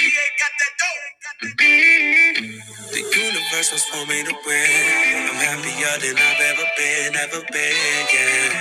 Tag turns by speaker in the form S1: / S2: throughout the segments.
S1: We ain't got that dope. The universe was for me to win. I'm happier than I've ever been, ever been, yeah.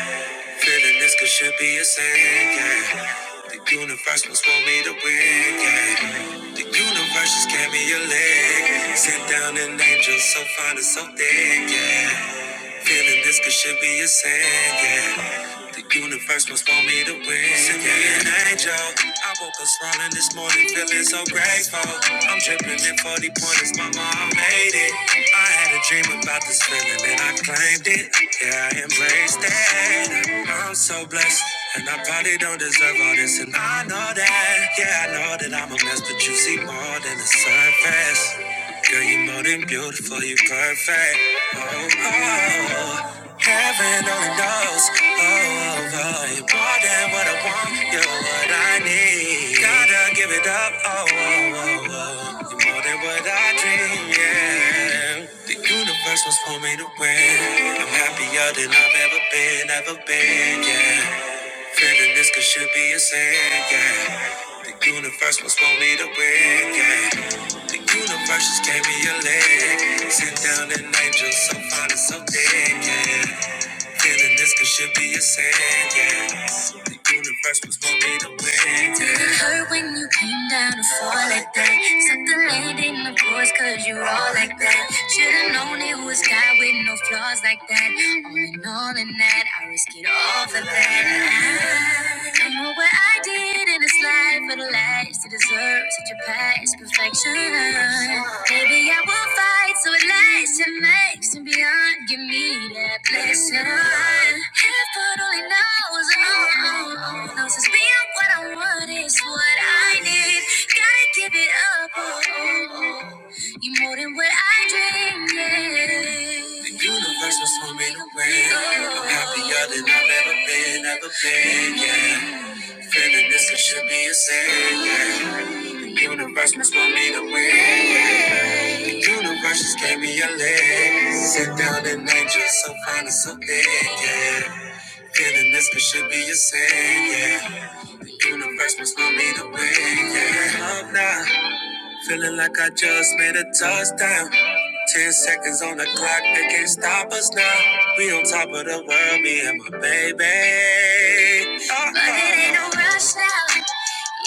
S1: Feeling this could should be a sin, yeah. The universe was for me to win, yeah. The universe just gave me a leg. Sit down and angel so fine and so thick, yeah. Feeling this could should be a sin, yeah. The universe must want me to win. Send me an angel. I woke up smiling this morning, feeling so grateful. I'm dripping in 40 pointers, mama, I made it. I had a dream about this feeling and I claimed it. Yeah, I embraced it. I'm so blessed. And I probably don't deserve all this, and I know that. Yeah, I know that I'm a mess, but you see more than the surface. Girl, you're more than beautiful, you're perfect. Oh, oh, oh. heaven only knows. Oh, oh, oh, you're more than what I want, you're what I need. Gotta give it up. Oh, oh, oh, oh. you're more than what I dream. Yeah, the universe was for me to win. I'm happier than I've ever been, ever been. Yeah. Feeling this could should be a sin, yeah. The universe must want me to win, yeah. The universe just gave me a leg. Sit down an angel so fine and so dead, yeah. Feeling this could should be a sin, yeah. The universe was for me to win, yeah. Did it hurt when you came down to fall like that? Suck the land in the course, cause you all like that. Should've known it was God with no flaws like that. All in all in that, I risk it all for that. I don't know what I did fight in this life for the lies to deserve such a past perfection. Maybe I will fight so it lasts and makes and beyond. Give me that blessing. Heaven only knows, oh, oh, oh, knows it's beyond what I want is what I need. Gotta give it up, oh, oh, oh. you more than what I dreamed. Yeah. The universe was swimming away. I'm happier than I've ever been, ever been, yeah. Feeling this it should be a sin. The universe must want me to win. The universe just gave me a leg. Sit down and angel, so fine and so big, yeah. Feeling this it should be a sin, yeah. The universe must want me to win, yeah. Love now, Feeling like I just made a touchdown. Ten seconds on the clock, they can't stop us now. We on top of the world, me and my baby. Uh-oh. But it ain't no rush now.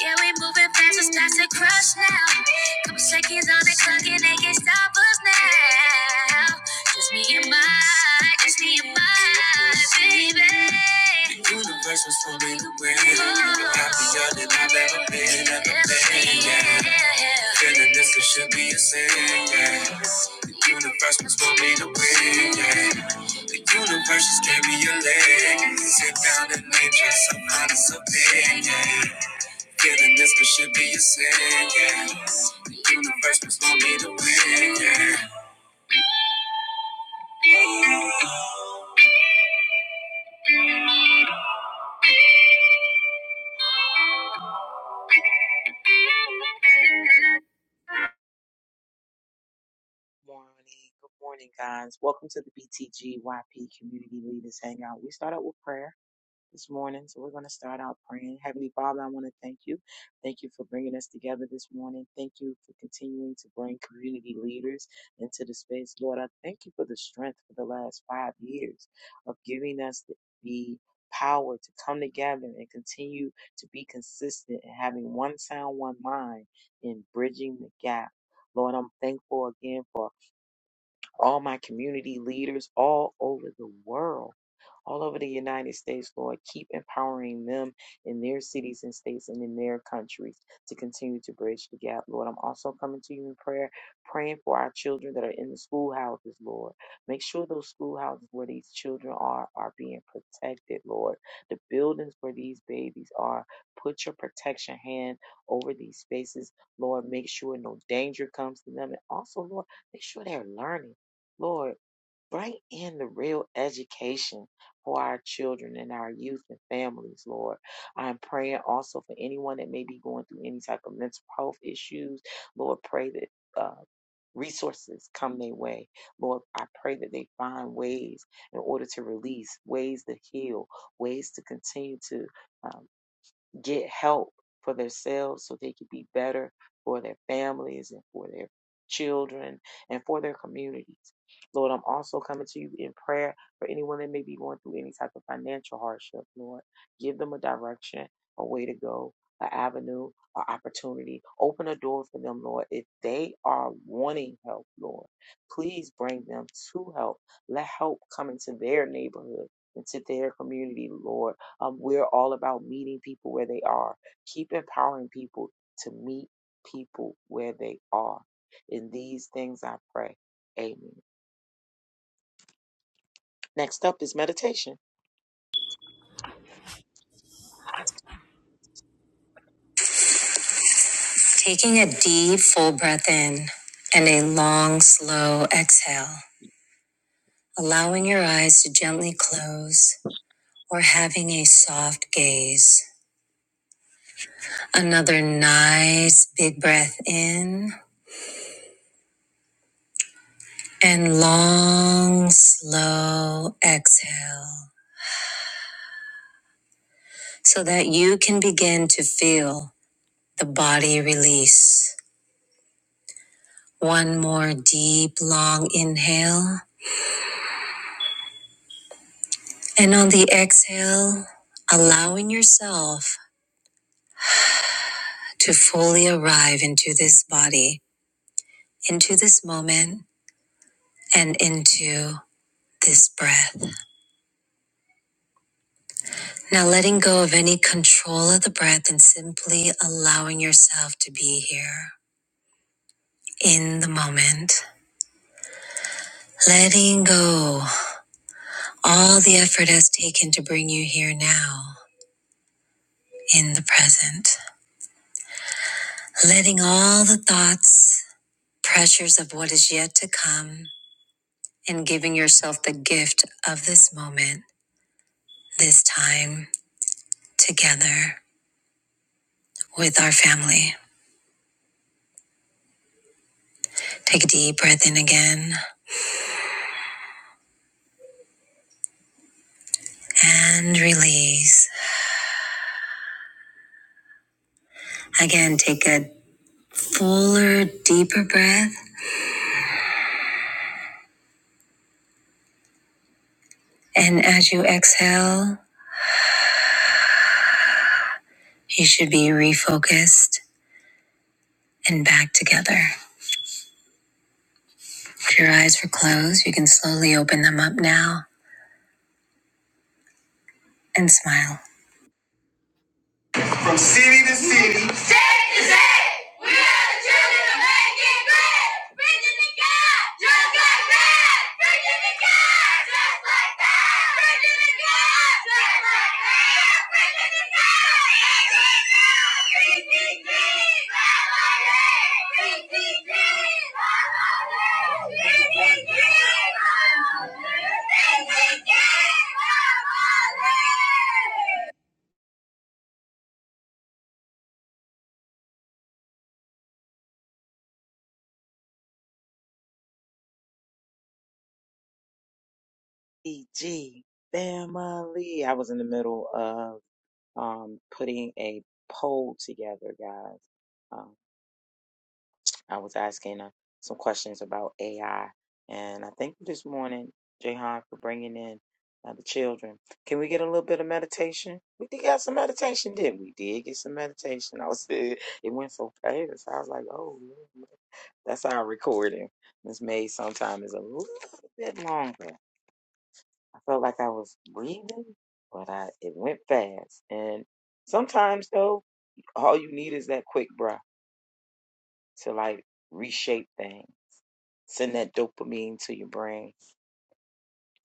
S1: Yeah, we moving fast, it's time to crush now. Couple seconds on the clock and they can't stop us now. Just me and my, just me and my baby. The universe was for me to win. Happier than I've ever been, ever been. Yeah. Feeling this it should be a sin. Yeah. The universe was for me to win. Yeah. The universe just gave me a leg. Sit down and name just some honest opinion. Yeah. Feeling this could should be a sin. Yeah. The universe was gonna be the win. Yeah.
S2: Morning. Good morning, guys. Welcome to the BTGYP Community Leaders Hangout. We start out with prayer this morning, so we're going to start out praying. Heavenly Father, I want to thank you. Thank you for bringing us together this morning. Thank you for continuing to bring community leaders into the space. Lord, I thank you for the strength for the last five years of giving us the, the power to come together and continue to be consistent and having one sound, one mind in bridging the gap. Lord, I'm thankful again for all my community leaders all over the world all over the United States, Lord. Keep empowering them in their cities and states and in their countries to continue to bridge the gap, Lord. I'm also coming to you in prayer, praying for our children that are in the schoolhouses, Lord. Make sure those schoolhouses where these children are are being protected, Lord. The buildings where these babies are, put your protection hand over these spaces, Lord. Make sure no danger comes to them. And also, Lord, make sure they're learning. Lord, Bring in the real education for our children and our youth and families, Lord. I'm praying also for anyone that may be going through any type of mental health issues. Lord, pray that uh, resources come their way. Lord, I pray that they find ways in order to release, ways to heal, ways to continue to. um, get help for themselves so they could be better for their families and for their children and for their communities. Lord, I'm also coming to you in prayer for anyone that may be going through any type of financial hardship, Lord. Give them a direction, a way to go, an avenue, an opportunity. Open a door for them, Lord. If they are wanting help, Lord, please bring them to help. Let help come into their neighborhood, into their community, Lord um, we're all about meeting people where they are. Keep empowering people to meet people where they are. In these things I pray. Amen. Next up is meditation.
S1: Taking a deep, full breath in and a long exhale, allow gentle close or having a soft gaze. Another nice big breath in and long, slow exhale so that you can begin to feel the body release. One more deep, long inhale. And on the exhale, allowing yourself to fully arrive into this body, into this moment, and into this breath. Now, letting go of any control of the breath and simply allowing yourself to be here in the moment. Letting go all the effort has taken to bring you here now in the present. Letting all the thoughts, pressures of what is yet to come, and giving yourself the gift of this moment, this time together. with our family. Take a deep breath in again and release. Again, take a fuller, deeper breath. And as you exhale, you should be refocused and back together. If your eyes were closed, you can slowly open them up now and smile. From city to city. State to state. We are the children of making great. Preaching the God just like that. Preaching the God just like that. Preaching the God just like that. Preaching the God. PTG. PTG. PTG. PTG. PTG.
S2: EG family. I was in the middle of um, putting a poll together, guys. Um, I was asking uh, some questions about AI, and I thank you this morning, Jahan, for bringing in uh, the children. Can we get a little bit of meditation? We did get some meditation, didn't we? We Did get some meditation. I was it went so fast. I was like, oh, yeah, that's our recording. This made sometimes is a little bit longer. I felt like I was breathing, but I it went fast. And sometimes though, all you need is that quick breath to like reshape things send that dopamine to your brain.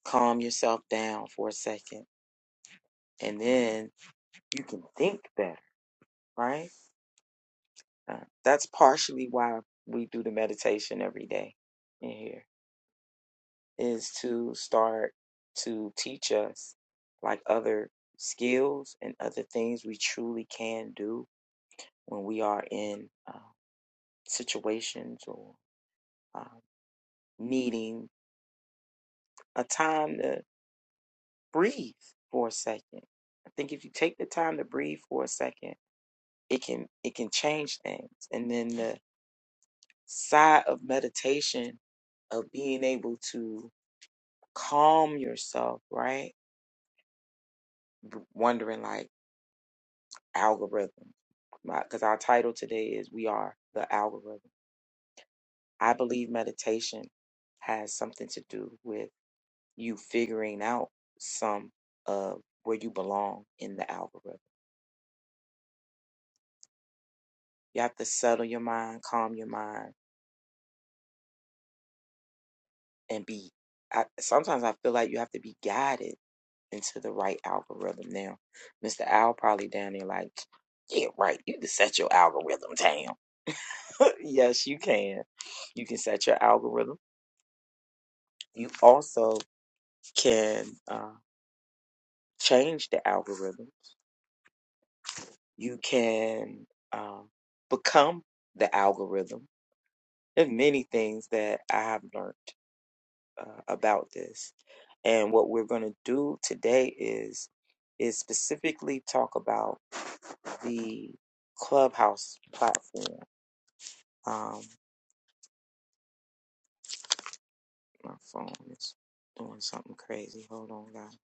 S2: Calm yourself down for a second, and then you can think better, right? Uh, that's partially why we do the meditation every day in here, is to start to teach us like other skills and other things we truly can do when we are in uh, situations or um, needing a time to. breathe for a second. I think if you take the time to breathe for a second, it can it can change things. And then the side of meditation of being able to calm yourself, right? Wondering like algorithm, because our title today is "We Are the Algorithm." I believe meditation has something to do with you figuring out some of where you belong in the algorithm. You have to settle your mind, calm your mind, and be I, sometimes I feel like you have to be guided into the right algorithm now. Mr. Al probably down there like, yeah, right, you can set your algorithm down. yes, you can. You can set your algorithm. You also can uh, change the algorithm. You can um, become the algorithm. There's many things that I have learned uh, about this. And what we're going to do today is is specifically talk about the Clubhouse platform. Um, my phone is doing something crazy. Hold on, guys.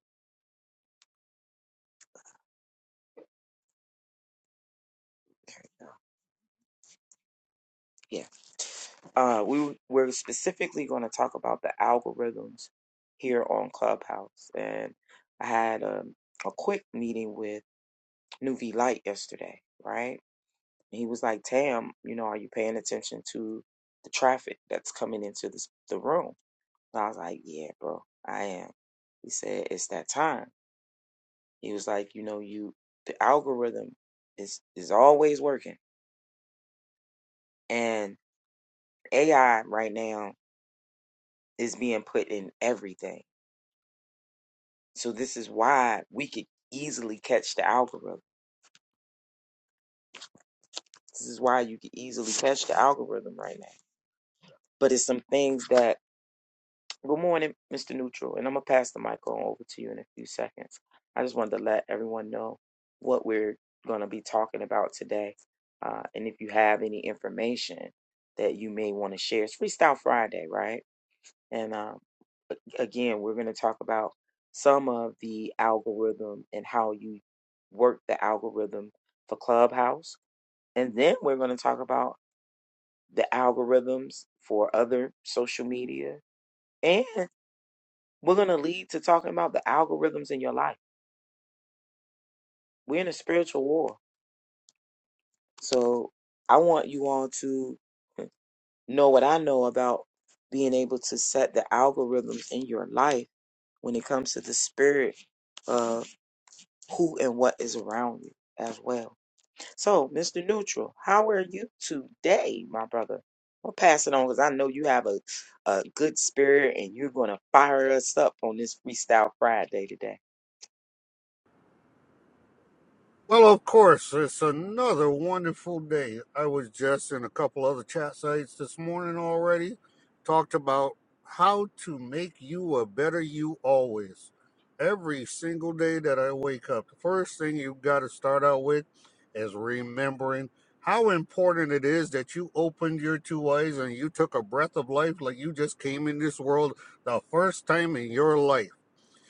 S2: There- Yeah. Uh, we we're specifically going to talk about the algorithms here on Clubhouse, and I had um, a quick meeting with Nuvi Light yesterday, right? And he was like, Tam, you know, are you paying attention to the traffic that's coming into this, the room? And I was like, yeah, bro, I am. He said, it's that time. He was like, you know, you, the algorithm is, is always working and AI right now is being put in everything. So this is why we could easily catch the algorithm. This is why you could easily catch the algorithm right now. But it's some things that Good morning, Mr. Neutral, and I'm gonna pass the mic on over to you in a few seconds. I just wanted to let everyone know what we're gonna be talking about today, uh, and if you have any information that you may want to share, it's Freestyle Friday, right? And uh, again, we're gonna talk about some of the algorithm and how you work the algorithm for Clubhouse, and then we're gonna talk about the algorithms for other social media. and. we're going to lead to talking about the algorithms in your life. We're in a spiritual war. So I want you all to know what I know about being able to set the algorithms in your life when it comes to the spirit of who and what is around you as well. So, Mr. Neutral, how are you today, my brother? We'll pass it on because I know you have a, a good spirit and you're going to fire us up on this Freestyle Friday today.
S3: Well, of course, it's another wonderful day. I was just in a couple other chat sites this morning already, talked about how to make you a better you always. Every single day that I wake up, the first thing you've got to start out with is remembering how important it is that you opened your two eyes and you took a breath of life like you just came in this world the first time in your life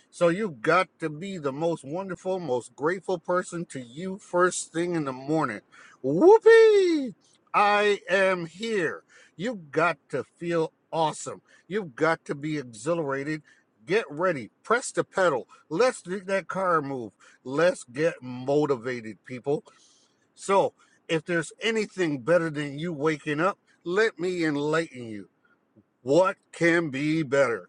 S3: so you have got to be the most wonderful, most grateful person to you first thing in the morning. Whoopee! I am here. You have got to feel awesome. You've got to be exhilarated. Get ready. Press the pedal. Let's do that car move. Let's get motivated, people. So, if there's anything better than you waking up, let me enlighten you. What can be better?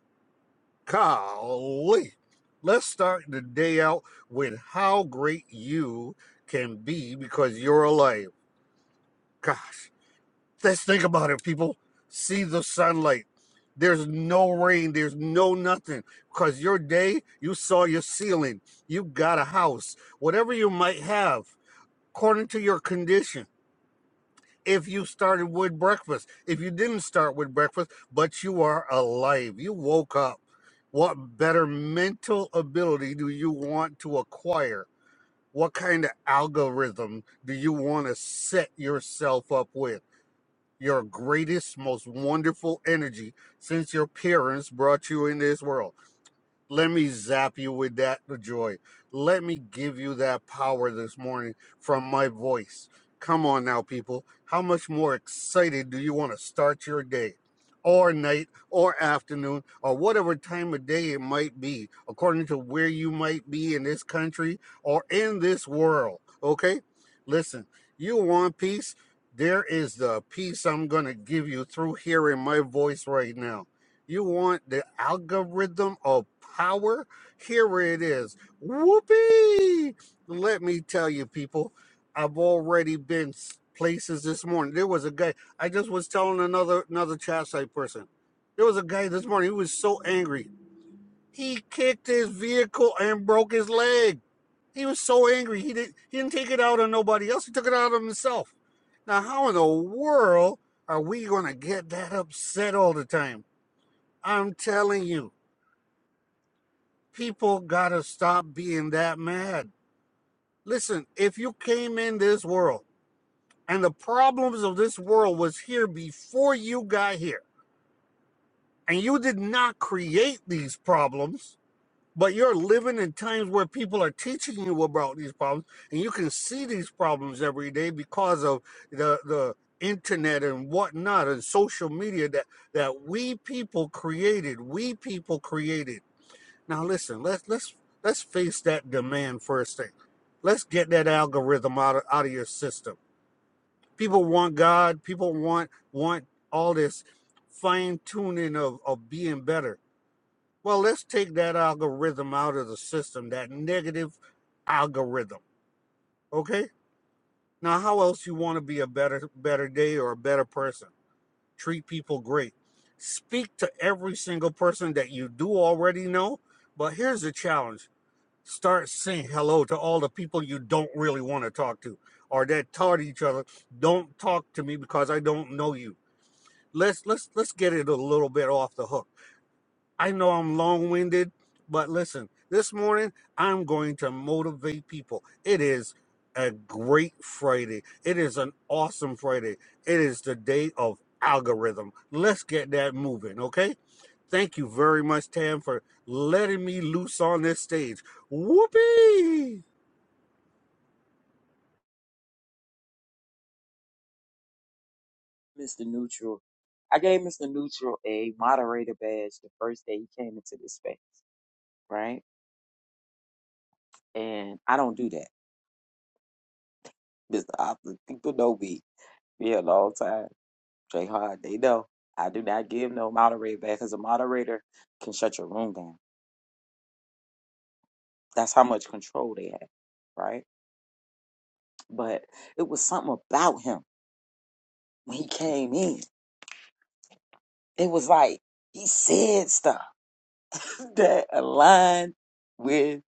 S3: Golly. Let's start the day out with how great you can be because you're alive. Gosh, let's think about it, people. See the sunlight. There's no rain. There's no nothing. Because your day, you saw your ceiling. You got a house. Whatever you might have, according to your condition if you started with breakfast. If you didn't start with breakfast, but you are alive, you woke up. What better mental ability do you want to acquire? What kind of algorithm do you want to set yourself up with? Your greatest, most wonderful energy since your parents brought you in this world. Let me zap you with that joy. Let me give you that power this morning from my voice. Come on now, people. How much more excited do you want to start your day? Or night, or afternoon, or whatever time of day it might be, according to where you might be in this country or in this world. Okay? Listen, you want peace? There is the peace I'm going to give you through hearing my voice right now. You want the algorithm of power? Here it is. Whoopee! Let me tell you, people, I've already been s- places this morning. There was a guy. I just was telling another another chat site person. There was a guy this morning. He was so angry. He kicked his vehicle and broke his leg. He was so angry. He didn't he didn't take it out on nobody else. He took it out on himself. Now, how in the world are we gonna get that upset all the time? I'm telling you, people gotta stop being that mad. Listen, if you came in this world and the problems of this world was here before you got here, and you did not create these problems, but you're living in times where people are teaching you about these problems, and you can see these problems every day because of the the internet and whatnot and social media that that we people created. We people created Now listen, let's let's let's face that demand first thing. Let's get that algorithm out of, out of your system. People want God, people want want all this fine tuning of, of being better. Well, let's take that algorithm out of the system, that negative algorithm. Okay? Now how else you want to be a better better day or a better person? Treat people great. Speak to every single person that you do already know. But here's the challenge Start saying hello to all the people you don't really want to talk to or that taught each other, don't talk to me because I don't know you. Let's let's let's get it a little bit off the hook I know I'm long winded, but listen, this morning I'm going to motivate people. It is a great Friday. It is an awesome Friday. It is the day of algorithm. Let's get that moving, okay? Thank you very much, Tam, for letting me loose on this stage. Whoopee!
S2: Mr. Neutral. I gave Mr. Neutral a moderator badge the first day he came into this space, right? And I don't do that. Mr. Opera, people know me. Me a long time. Jay Hard, they know. I do not give no moderator badge because a moderator can shut your room down. That's how much control they have, right? But it was something about him when he came in. It was like he said stuff that aligned with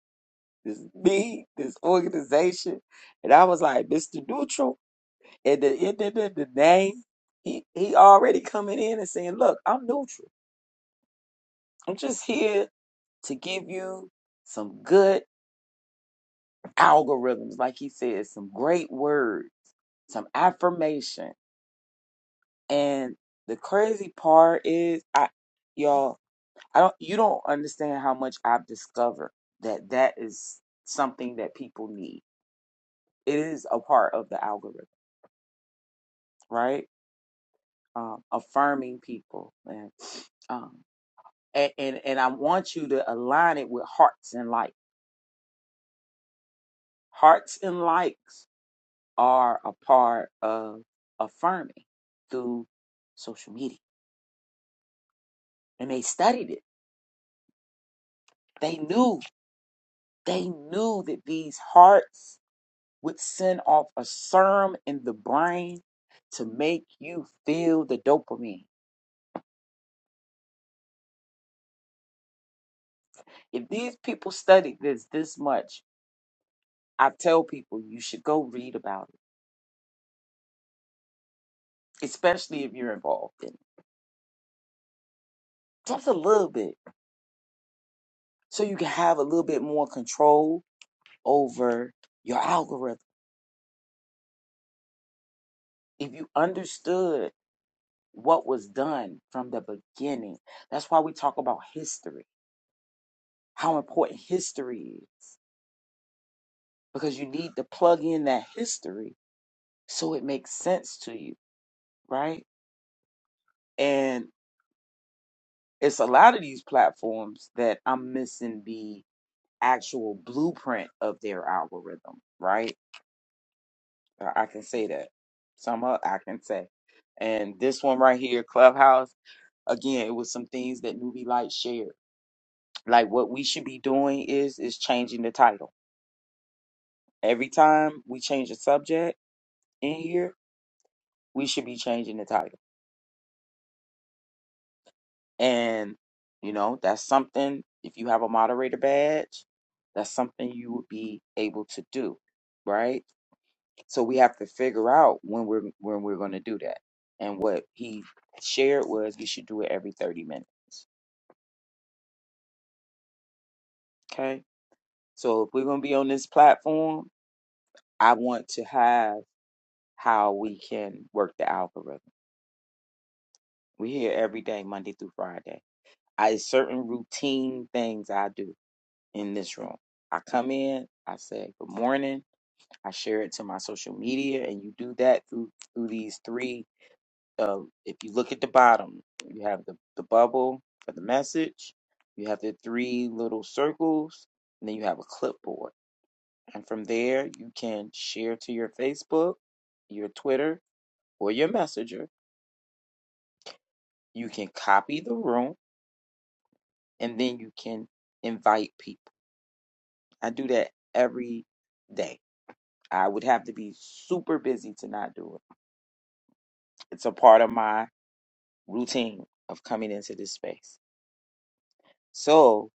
S2: this me, this organization. And I was like, Mr. Neutral. And the end of the the name, he, he already coming in and saying, Look, I'm neutral. I'm just here to give you some good algorithms, like he said, some great words, some affirmation. And the crazy part is I y'all, I don't you don't understand how much I've discovered that that is something that people need. It is a part of the algorithm, right? um, affirming people and um, and, and and I want you to align it with hearts and light. Hearts and likes are a part of affirming through social media, and they studied it. They knew they knew that these hearts would send off a serum in the brain to make you feel the dopamine. If these people studied this this much, I tell people you should go read about it especially if you're involved in it. Just a little bit. So you can have a little bit more control over your algorithm. If you understood what was done from the beginning, that's why we talk about history, how important history is, because you need to plug in that history so it makes sense to you, right? And it's a lot of these platforms that I'm missing the actual blueprint of their algorithm, right? I I can say that. Somehow I can say. And this one right here, Clubhouse, again, it was some things that Newbie Light shared. Like what we should be doing is is changing the title. Every time we change a subject in here, we should be changing the title. And you know, that's something if you have a moderator badge, that's something you would be able to do, right? So we have to figure out when we're when we're going to do that. And what he shared was we should do it every 30 minutes. Okay? So if we're going to be on this platform, I want to have how we can work the algorithm. We're here every day Monday through Friday. I certain routine things I do in this room. I come in, I say good morning, I share it to my social media and you do that through through these three um, if you look at the bottom, you have the, the bubble for the message, you have the three little circles, and then you have a clipboard. And from there, you can share to your Facebook, your Twitter, or your Messenger. You can copy the room, and then you can invite people. I do that every day. I would have to be super busy to not do it. It's a part of my routine of coming into this space. So,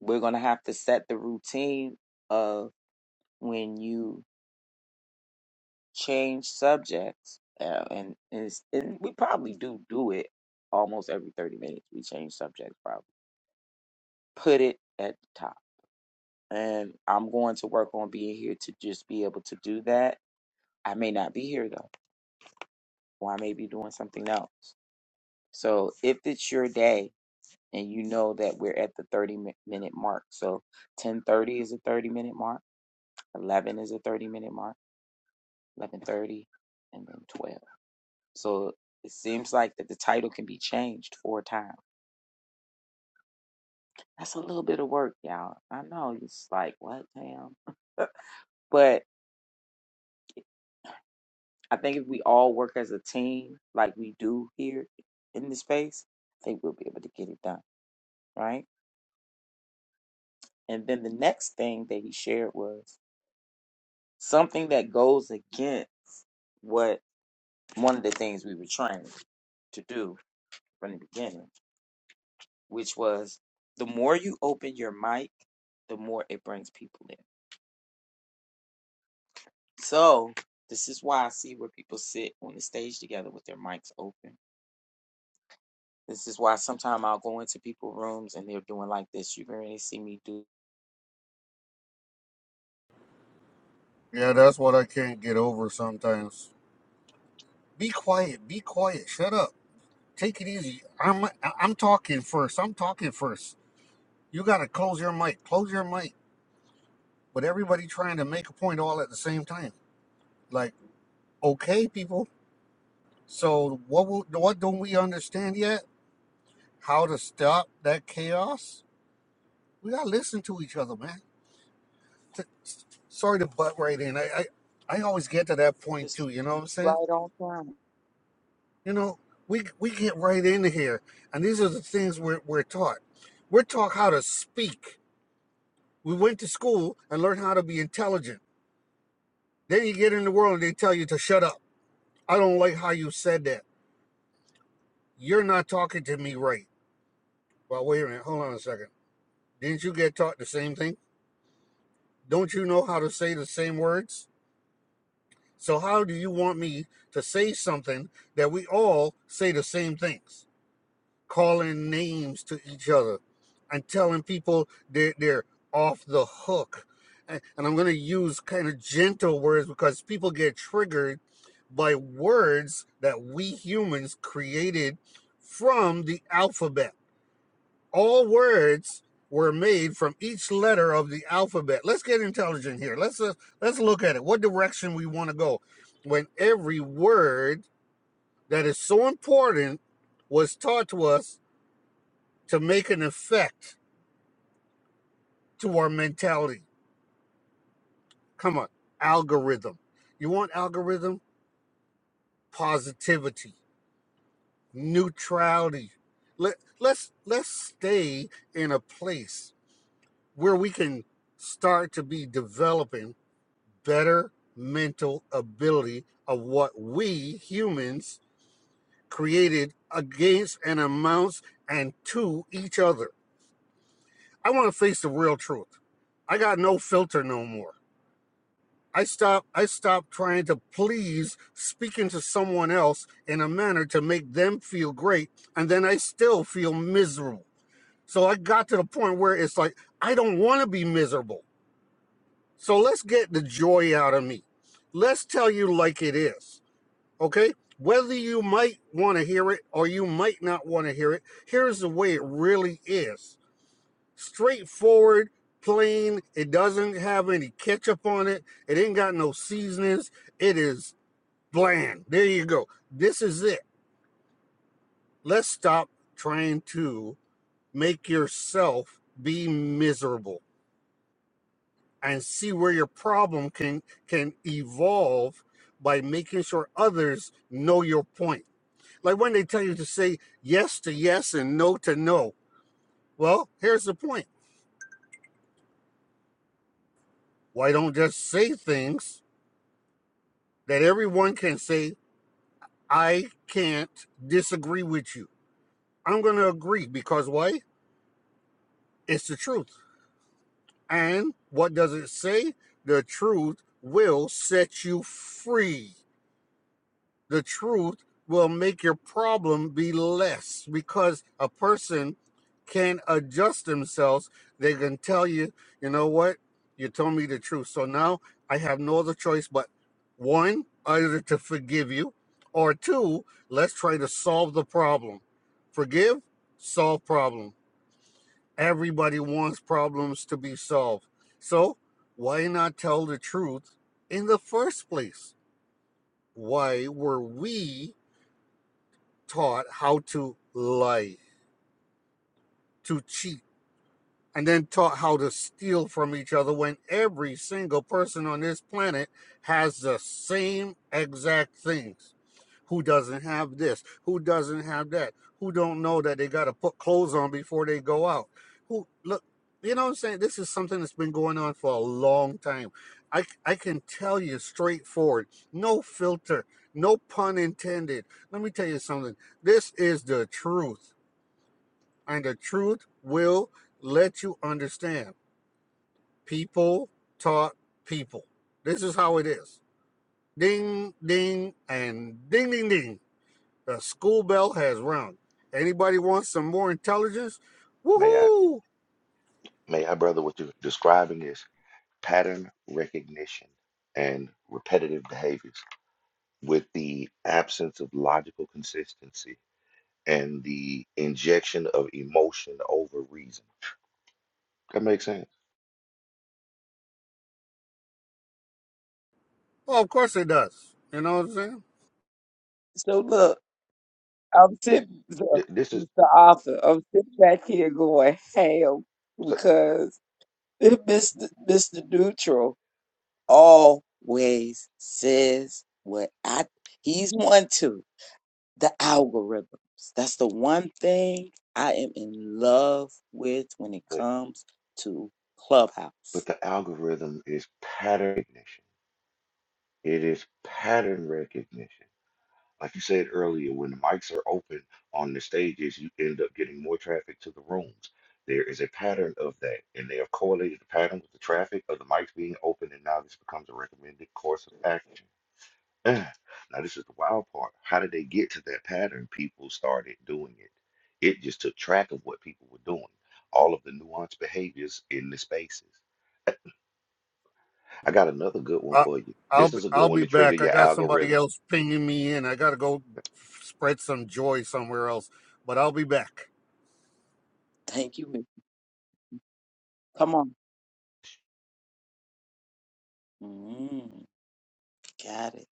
S2: We're going to have to set the routine of when you change subjects, uh, and, and, it's, and we probably do do it almost every 30 minutes. We change subjects, probably. Put it at the top. And I'm going to work on being here to just be able to do that. I may not be here though, or I may be doing something else. So if it's your day and you know that we're at the 30 mi- minute mark, so 10:30 is a 30 minute mark, 11 is a 30 minute mark. 11:30, and then 12. So it seems like that the title can be changed four times. That's a little bit of work, y'all. I know it's like what, damn. But I think if we all work as a team, like we do here in this space, I think we'll be able to get it done, right? And then the next thing that he shared was something that goes against what one of the things we were trying to do from the beginning which was the more you open your mic, the more it brings people in. So this is why I see where people sit on the stage together with their mics open. This is why sometimes I'll go into people's rooms and they're doing like this. You can really see me do
S3: Yeah, that's what I can't get over sometimes. Be quiet. Be quiet. Shut up. Take it easy. I'm I- I'm talking first. I'm talking first. You got to close your mic, close your mic. But everybody trying to make a point all at the same time. Like, okay, people. So what? Will, what don't we understand yet? How to stop that chaos? We gotta listen to each other, man. T- s- Sorry to butt right in. I, I I always get to that point
S2: this
S3: too. You know what I'm saying?
S2: right on time.
S3: You know, we we get right into here, and these are the things we're we're taught. We're taught how to speak. We went to school and learned how to be intelligent. Then you get in the world and they tell you to shut up I don't like how you said that. You're not talking to me right. Well, wait a minute. Hold on a second. Didn't you get taught the same thing? Don't you know how to say the same words? So, how do you want me to say something that we all say the same things? Calling names to each other and telling people they're, they're off the hook. And, and I'm going to use kind of gentle words because people get triggered by words that we humans created from the alphabet all words were made from each letter of the alphabet. Let's get intelligent here. Let's uh, let's look at it. What direction we want to go when every word that is so important was taught to us to make an effect to our mentality. Come on, algorithm. You want algorithm? Positivity, neutrality. Let, let's let's stay in a place where we can start to be developing. better mental ability of what we humans created against and amounts and to each other. I want to face the real truth. I got no filter no more. I stop I stopped trying to please speaking to someone else in a manner to make them feel great and then I still feel miserable. So I got to the point where it's like I don't want to be miserable. So let's get the joy out of me. Let's tell you like it is. okay? Whether you might want to hear it or you might not want to hear it, here's the way it really is straightforward, plain. It doesn't have any ketchup on it, it ain't got no seasonings. It is bland. There you go. This is it. Let's stop trying to make yourself be miserable and see where your problem can can evolve by making sure others know your point Like when they tell you to say yes to yes and no to no. Well, here's the point. Why don't just say things that everyone can say, I can't disagree with you. I'm going to agree because why? It's the truth. And what does it say? The truth will set you free. the truth will make your problem be less because a person can adjust themselves. They can tell you, you know what? You told me the truth. So now I have no other choice but one, either to forgive you, or two, let's try to solve the problem. Forgive, solve problem. Everybody wants problems to be solved. So why not tell the truth in the first place? Why were we taught how to lie, to cheat, and then taught how to steal from each other when every single person on this planet has the same exact things. Who doesn't have this? Who doesn't have that? Who don't know that they got to put clothes on before they go out? Who look, you know what I'm saying? This is something that's been going on for a long time. I I can tell you straightforward, no filter, no pun intended. Let me tell you something. This is the truth and the truth will let you understand. People taught people. This is how it is. Ding, ding, and ding, ding, ding. The school bell has rung. Anybody wants some more intelligence?
S4: May I,
S3: Woohoo!
S4: may I, brother, what you're describing is pattern recognition and repetitive behaviors with the absence of logical consistency and the injection of emotion over reason. That makes sense.
S3: Oh, of course it does. You know what I'm saying?
S2: So look, I'm sitting the,
S4: Th- This is,
S2: it's the author. I'm sitting back here going ham
S4: so-
S2: because Mr. Mr. Neutral always says what I he's one too. the algorithms. That's the one thing I am in love with when it
S4: but,
S2: comes to
S4: but
S2: Clubhouse.
S4: the algorithm is pattern recognition. It is pattern recognition. Like you said earlier, when the mics are open on the stages, you end up getting more traffic to the rooms. There is a pattern of that, and they have correlated the pattern with the traffic of the mics being open, and now this becomes a recommended course of action. Ah, Now, this is the wild part. How did they get to that pattern? People started doing it. It just took track of what people were doing, all of the nuanced behaviors in the spaces. I got another good one
S3: I,
S4: for you.
S3: I'll
S4: This
S3: be,
S4: is a good
S3: I'll
S4: one
S3: be
S4: to trigger
S3: back. I
S4: your
S3: got somebody
S4: algorithm.
S3: else pinging me in. I gotta go spread some joy somewhere else. But I'll be back.
S2: Thank you. Miss. Come on. Mm, got it.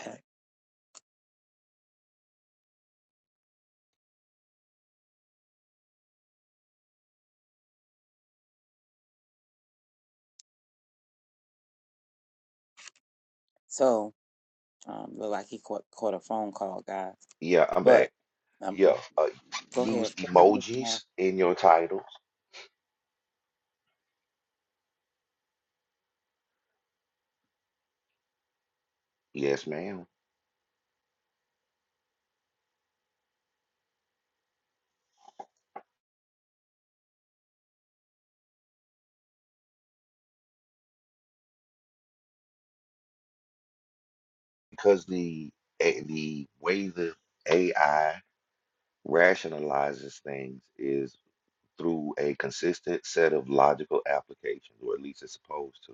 S2: Okay. So, um, look like he caught, caught a phone call, guys.
S4: Yeah, I'm back.
S2: But I'm going
S4: Yeah, uh,
S2: go
S4: use
S2: ahead. Go ahead, Miss Ma.
S4: emojis in your titles. Yes, ma'am. Because the eh, the way the AI rationalizes things is through a consistent set of logical applications, or at least it's supposed to.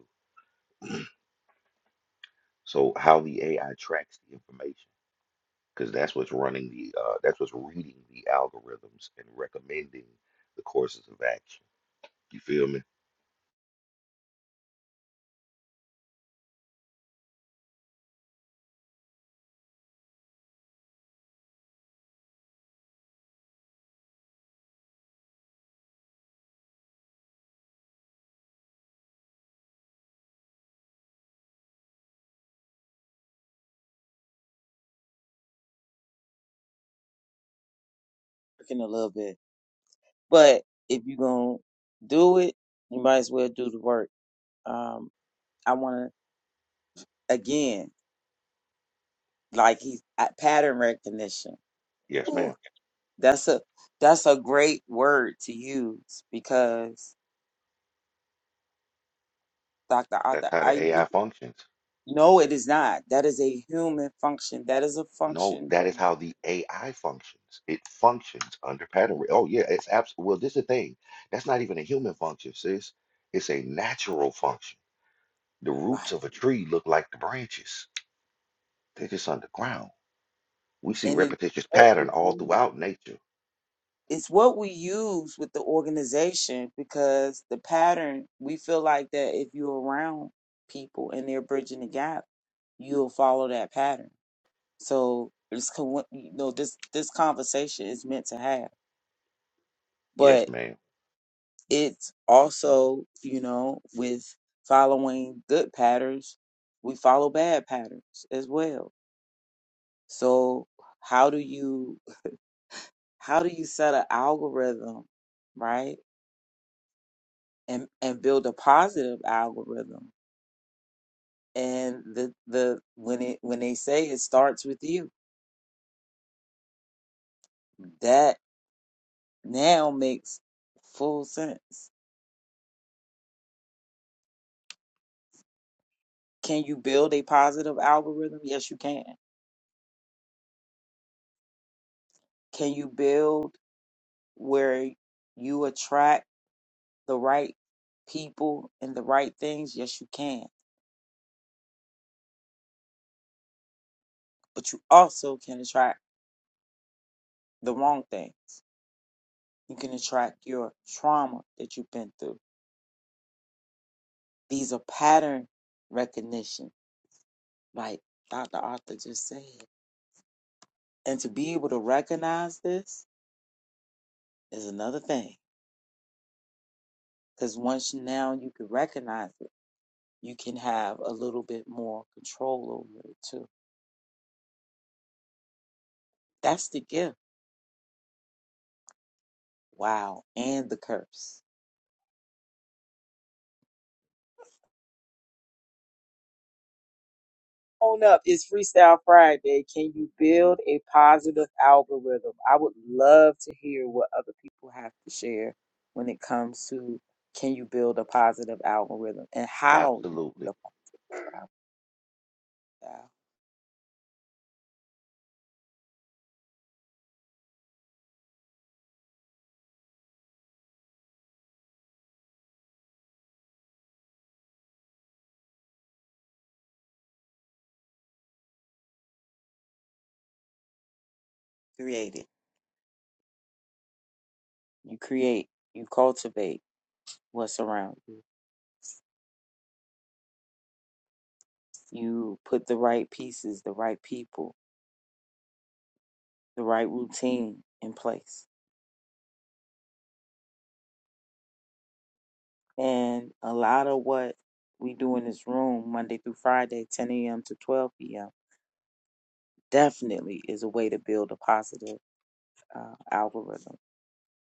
S4: So how the AI tracks the information, because that's what's running the uh, that's what's reading the algorithms and recommending the courses of action. You feel me?
S2: Working a little bit. But if you're going to do it, you might as well do the work. Um, I want to, again, like he's at pattern recognition.
S4: Yes, ma'am.
S2: That's a that's a great word to use because Dr.
S4: That's
S2: Arthur,
S4: how
S2: are
S4: the AI
S2: you?
S4: functions.
S2: No, it is not. That is a human function. That is a
S4: No,
S2: function,
S4: that
S2: that-
S4: is how the AI functions. It functions under pattern. re- Oh yeah, it's absolutely. Well, this is the thing. That's not even a human function, sis. It's a natural function. The roots
S2: right?
S4: of a tree look like the branches. They're just underground. We see
S2: And it
S4: repetitious
S2: what we
S4: pattern all
S2: use.
S4: throughout nature.
S2: it's what we use with the organization because the pattern we feel like that if you're around people and they're bridging the gap, you'll follow that pattern. So it's co- you know this this conversation is meant to have, but
S4: Yes, ma'am.
S2: it's also you know with following good patterns we follow bad patterns as well so how do you how do you set an algorithm right and and build a positive algorithm and the the when it when they say it starts with you that now makes full sense can you build a positive algorithm yes you can can you build where you attract the right people and the right things, yes, you can. But you also can attract the wrong thing. You can attract your trauma that you've been through. These are pattern recognition, like Dr. Arthur just said. And to be able to recognize this is another thing. Because once you- now you can recognize it, you can have a little bit more control over it too. That's the gift. Wow. And the curse. on up. It's Freestyle Friday. Can you build a positive algorithm? I would love to hear what other people have to share when it comes to can you build a positive algorithm and how you
S4: Absolutely.
S2: build a positive algorithm. Create it. You create, you cultivate what's around you. You put the right pieces, the right people, the right routine in place. And a lot of what we do in this room Monday through Friday, 10 a.m. to 12 p.m definitely is a way to build a positive uh, algorithm.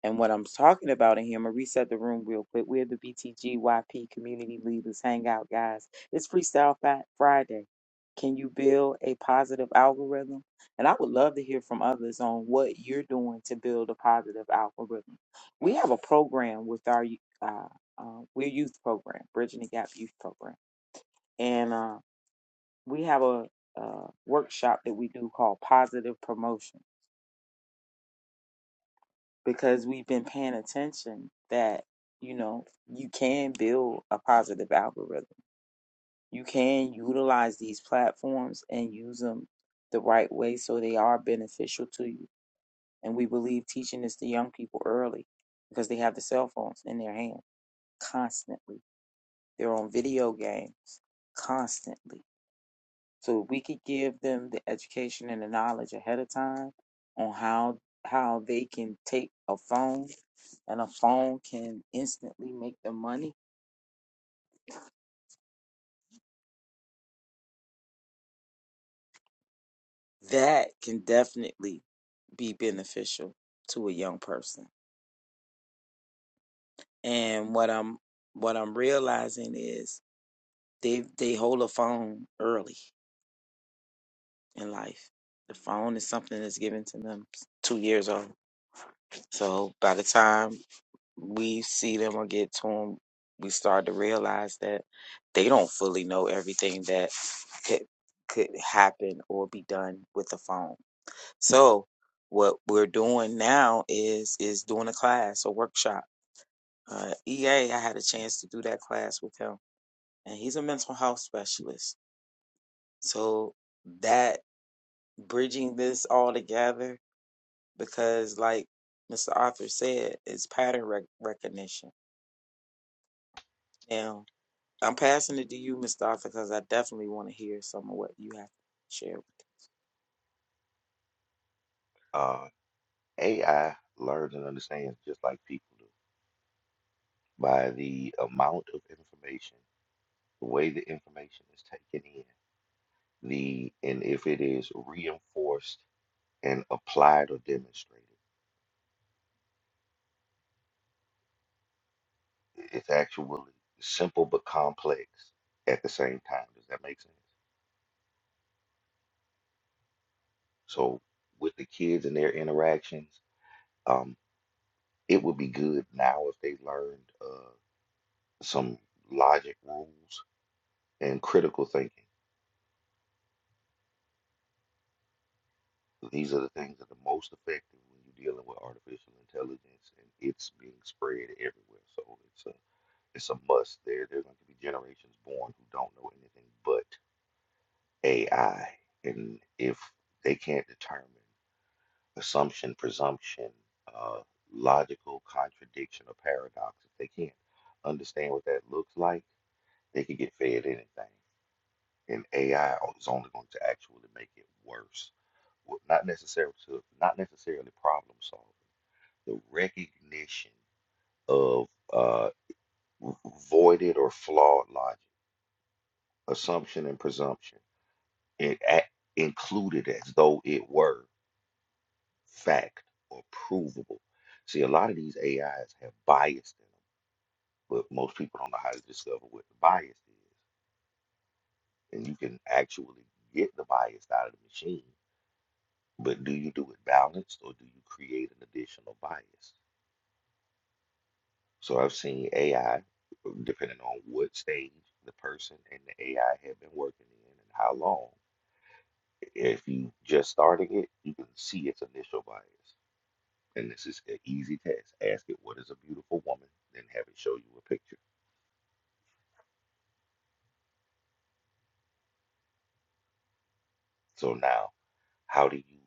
S2: And what I'm talking about in here, I'm gonna reset the room real quick. We're the BTGYP Community Leaders Hangout, guys. It's Freestyle Fat Friday. Can you build a positive algorithm? And I would love to hear from others on what you're doing to build a positive algorithm. We have a program with our uh, uh, we're youth program, Bridging the Gap Youth Program, and uh, we have a, uh workshop that we do called Positive Promotion because we've been paying attention that you know you can build a positive algorithm you can utilize these platforms and use them the right way so they are beneficial to you and we believe teaching this to young people early because they have the cell phones in their hand constantly they're on video games constantly so if we could give them the education and the knowledge ahead of time on how how they can take a phone and a phone can instantly make them money, that can definitely be beneficial to a young person. And what I'm what I'm realizing is they they hold a phone early in life. The phone is something that's given to them two years old. So by the time we see them or get to them, we start to realize that they don't fully know everything that could, could happen or be done with the phone. So what we're doing now is is doing a class, a workshop. Uh, EA, I had a chance to do that class with him, and he's a mental health specialist. So that bridging this all together, because like Mr. Arthur said, it's pattern rec- recognition. Now, I'm passing it to you, Mr. Arthur, because I definitely want to hear some of what you have to share.
S4: Uh, AI learns and understands just like people do by the amount of information, the way the information is taken in, the and if it is reinforced and applied or demonstrated. It's actually simple but complex at the same time. Does that make sense? So with the kids and their interactions, um, it would be good now if they learned uh, some logic rules and critical thinking. These are the things that are most effective when you're dealing with artificial intelligence, and it's being spread everywhere. So it's a it's a must. There, there's going to be generations born who don't know anything but AI, and if they can't determine assumption, presumption, uh, logical contradiction, or paradox, if they can't understand what that looks like, they can get fed anything. And AI is only going to actually make it worse. Well, Not necessarily to, not necessarily problem solving. The recognition of uh, v- voided or flawed logic, assumption, and presumption, it, a- included as though it were fact or provable. See, a lot of these AIs have bias in them, but most people don't know how to discover what the bias is. And you can actually get the bias out of the machine, but do you do it balanced or do you create an additional bias? So I've seen AI, depending on what stage the person and the AI have been working in and how long, if you just starting it, you can see its initial bias. And this is an easy test. Ask it, what is a beautiful woman? Then have it show you a picture. So now, how do you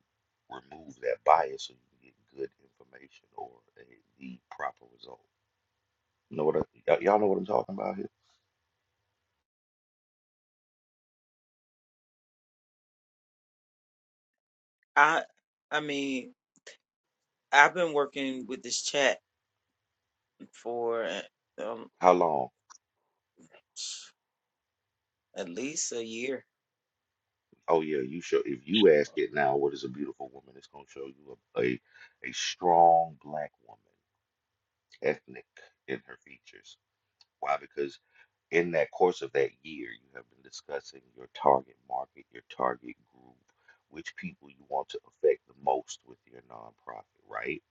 S4: remove that bias so you can get good information or a, the proper result? You know what? I, y'all know what I'm talking about here?
S2: I I mean, I've been working with this chat for um,
S4: How long?
S2: at least a year.
S4: Oh yeah, you show. If you ask it now, what is a beautiful woman? It's gonna show you a a, a strong black woman, ethnic in her features. Why? Because in that course of that year, you have been discussing your target market, your target group, which people you want to affect the most with your nonprofit, right?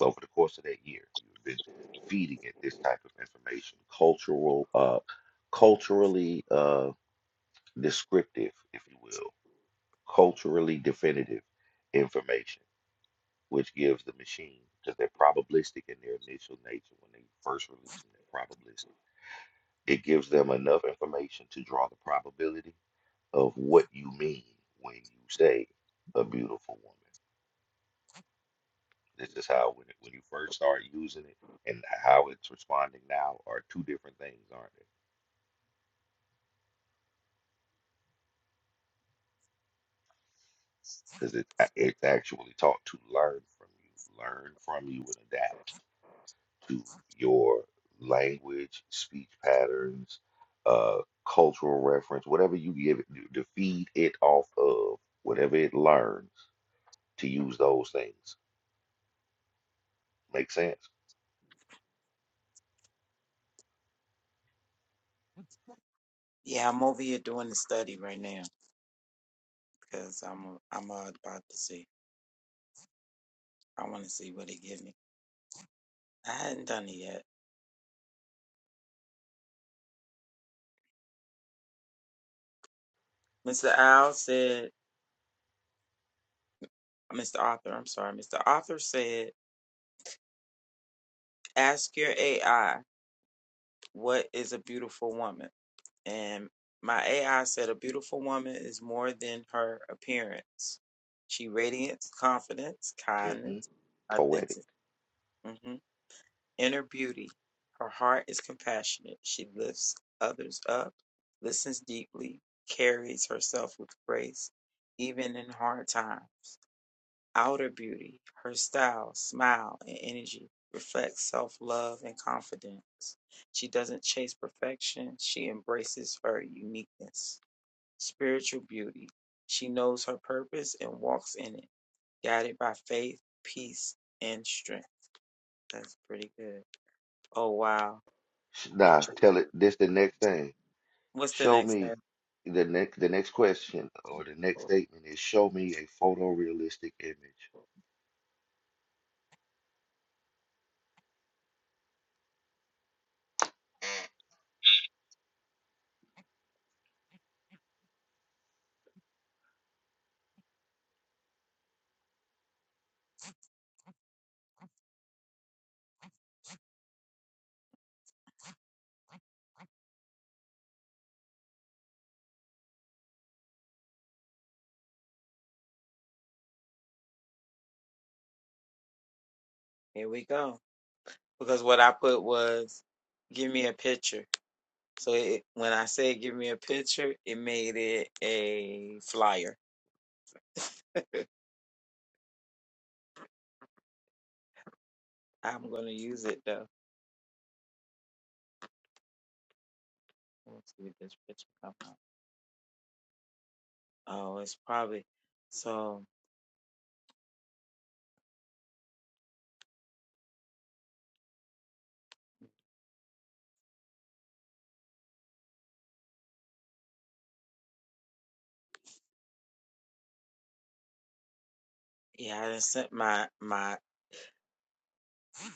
S4: Over the course of that year, you've been feeding it this type of information, cultural, uh, culturally uh, descriptive, if you will, culturally definitive information, which gives the machine because they're probabilistic in their initial nature when they first release them, they're probabilistic It gives them enough information to draw the probability of what you mean when you say a beautiful woman. This is how when it, when you first start using it and how it's responding now are two different things, aren't they? Because it it's actually taught to learn from you, learn from you and adapt to your language, speech patterns, uh, cultural reference, whatever you give it to feed it off of, whatever it learns to use those things. Make sense?
S2: Yeah, I'm over here doing the study right now because I'm I'm uh, about to see. I want to see what it gives me. I hadn't done it yet. Mr. Al said, Mr. Arthur, I'm sorry, Mr. Arthur said, ask your AI what is a beautiful woman. And my AI said, A beautiful woman is more than her appearance. She radiates confidence,
S4: hmm
S2: kindness,
S4: Poetic.
S2: authentic, mhm, inner beauty. Her heart is compassionate. She lifts others up, listens deeply, carries herself with grace, even in hard times. Outer beauty, her style, smile, and energy reflects self love and confidence. She doesn't chase perfection, she embraces her uniqueness spiritual beauty. She knows her purpose and walks in it, guided by faith, peace, and strength. That's pretty good. Oh, wow.
S4: Sh- Nah, tell it this the next thing.
S2: What's the
S4: Show
S2: next
S4: me
S2: tab?
S4: the next the next question or the next statement is show me a photorealistic image.
S2: Here we go. Because what I put was, give me a picture. So it, when I said give me a picture, it made it a flyer. I'm going to use it though. Let's see if this picture comes up. Oh, it's probably, so yeah, I done sent my, my,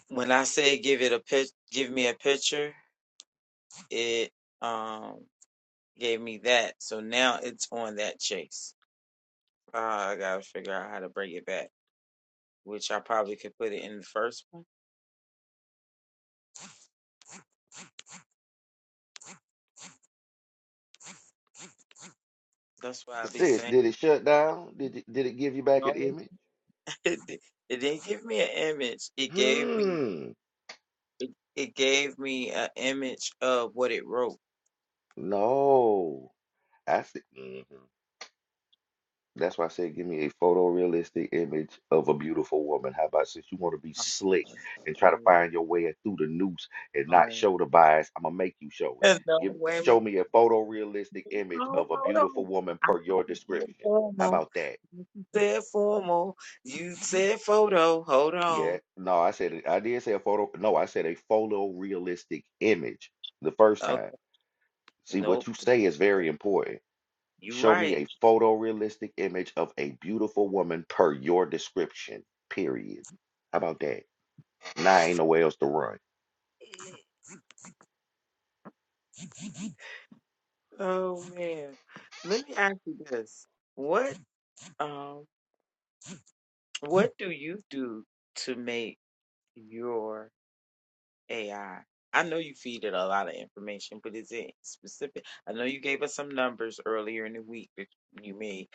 S2: when I say give it a pic, give me a picture, it um gave me that. So now it's on that chase. Uh, I gotta figure out how to bring it back, which I probably could put it in the first one. That's why I be
S4: Sis,
S2: saying
S4: did it shut down? Did it, did it give you back an
S2: no.
S4: image?
S2: It, di- it didn't give me an image. It gave me
S4: Hmm.
S2: it gave me an image of what it wrote.
S4: No. I see. That's why I said, give me a photorealistic image of a beautiful woman. How about since you want to be slick and try to
S2: Oh,
S4: find your way through the noose and not
S2: no,
S4: show the bias, I'm gonna make you show it.
S2: There's no,
S4: Give
S2: wait a
S4: show
S2: minute.
S4: me a photorealistic image
S2: No,
S4: of a
S2: hold
S4: beautiful
S2: on.
S4: woman
S2: I
S4: per
S2: thought
S4: your
S2: you said
S4: description. How
S2: formal.
S4: about that?
S2: You said formal. You said photo. Hold
S4: Yeah.
S2: on.
S4: No, I said it- I did say a photo. No, I said a photorealistic image the first
S2: Okay.
S4: time. See, what
S2: Nope.
S4: you say is very important.
S2: You're
S4: Show me
S2: right.
S4: a photorealistic image of a beautiful woman per your description, period. How about that? Now ain't nowhere else to run.
S2: Oh man. Let me ask you this. What um what do you do to make your AI? I I know you feed it a lot of information, but is it specific? I know you gave us some numbers earlier in the week that you may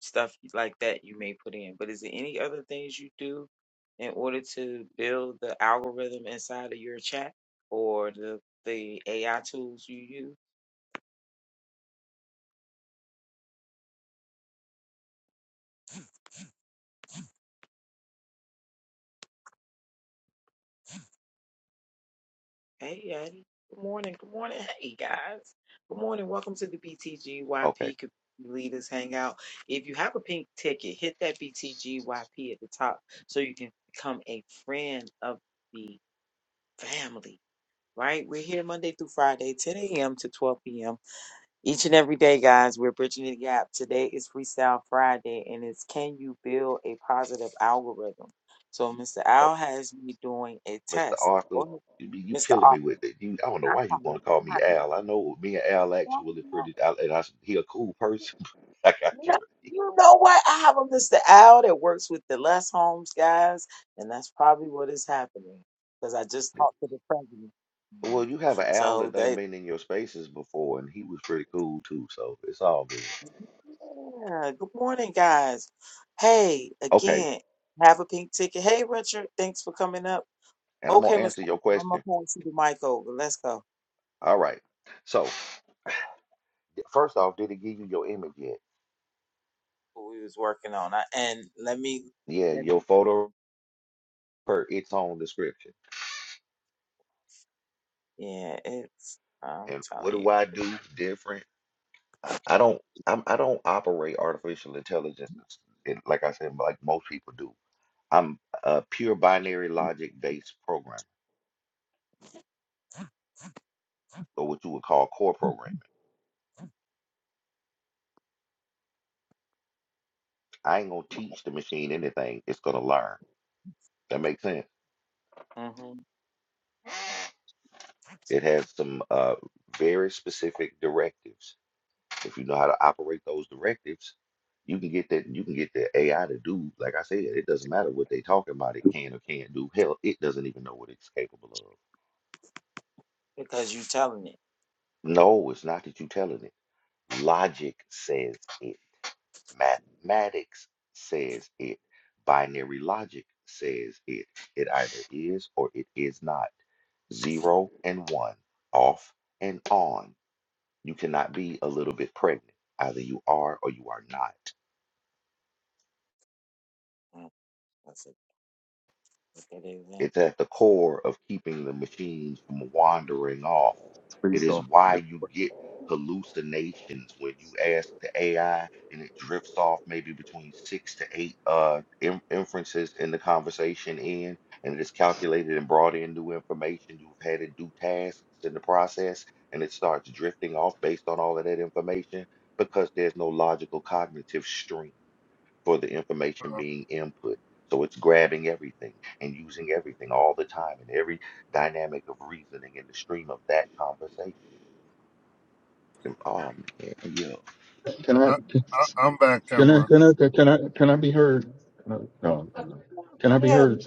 S2: stuff like that you may put in, but is there any other things you do in order to build the algorithm inside of your chat or the the AI tools you use? Hey, Yadi. Good morning. Good morning. Hey, guys. Good morning. Welcome to the
S4: Okay,
S2: BTGYP Co- Leaders Hangout. If you have a pink ticket, hit that BTGYP at the top so you can become a friend of the family. Right? We're here Monday through Friday, 10 a.m. to 12 p.m. Each and every day, guys. We're bridging the gap. Today is Freestyle Friday, and it's Can You Build a Positive Algorithm? So, Mr.
S4: okay.
S2: Al has me doing a
S4: Mr.
S2: test. Go
S4: Arthur,
S2: ahead,
S4: you, be- you
S2: Mr.
S4: killing me
S2: Al.
S4: with it. You, I don't know
S2: I have
S4: why you want to call
S2: a
S4: me
S2: partner.
S4: Al. I know me and Al
S2: Well,
S4: actually
S2: You
S4: pretty, I, and I, he a cool person. I got you.
S2: know, you know what? I have a Mr. Al that works with the Les Holmes guys, and that's probably what is happening because I just talked to the president.
S4: Well, you have an Al that
S2: So
S4: done
S2: they,
S4: been in your spaces before, and he was pretty cool too, so it's all good.
S2: yeah. Good morning, guys. Hey,
S4: Okay,
S2: again, have a pink ticket. Hey, Richard, thanks for coming up.
S4: and I'm
S2: Okay,
S4: gonna
S2: Mr.
S4: answer your
S2: Arthur, I'm gonna
S4: question.
S2: pass you the mic over. Let's go.
S4: All right. So, first off, did it give you your image yet?
S2: What we was working on, I, and let me,
S4: Yeah,
S2: let me.
S4: your photo per its own description.
S2: Yeah, it's. I'm
S4: And what do
S2: telling
S4: I do different? I, I don't I'm I don't operate artificial intelligence it's- it, like I said, like most people do. I'm a pure binary logic based programmer, or what you would call core programming. I ain't gonna teach the machine anything. It's gonna learn. That makes sense.
S2: you.
S4: It has some uh very specific directives If you know how to operate those directives, you can get that. You can get the AI to do. Like I said, it doesn't matter what they talking about. It can or can't do. Hell, it doesn't even know what it's capable of.
S2: because you telling it.
S4: No, it's not that you telling it. Logic says it. Mathematics says it. Binary logic says it. It either is or it is not. Zero and one, off and on. You cannot be a little bit pregnant. Either you are or you are not.
S2: Mm, That's a look at the
S4: It's
S2: example.
S4: at the core of keeping the machines from wandering off. It
S5: based
S4: is
S5: off
S4: why
S5: the
S4: you
S5: course.
S4: get hallucinations when you ask the AI and it drifts off maybe between six to eight uh, in- inferences in the conversation in, and it is calculated and brought in new information. You've had it do tasks in the process, and it starts drifting off based on all of that information because there's no logical cognitive stream for the information being input. So it's grabbing everything and using everything all the time and every dynamic of reasoning in the stream of that conversation. Oh man, yeah.
S5: Can I
S3: Uh, I, I'm back,
S5: can I
S3: Tamara.
S5: can I can I can I be heard? Can I, no, no. can I be
S2: Yeah,
S5: heard?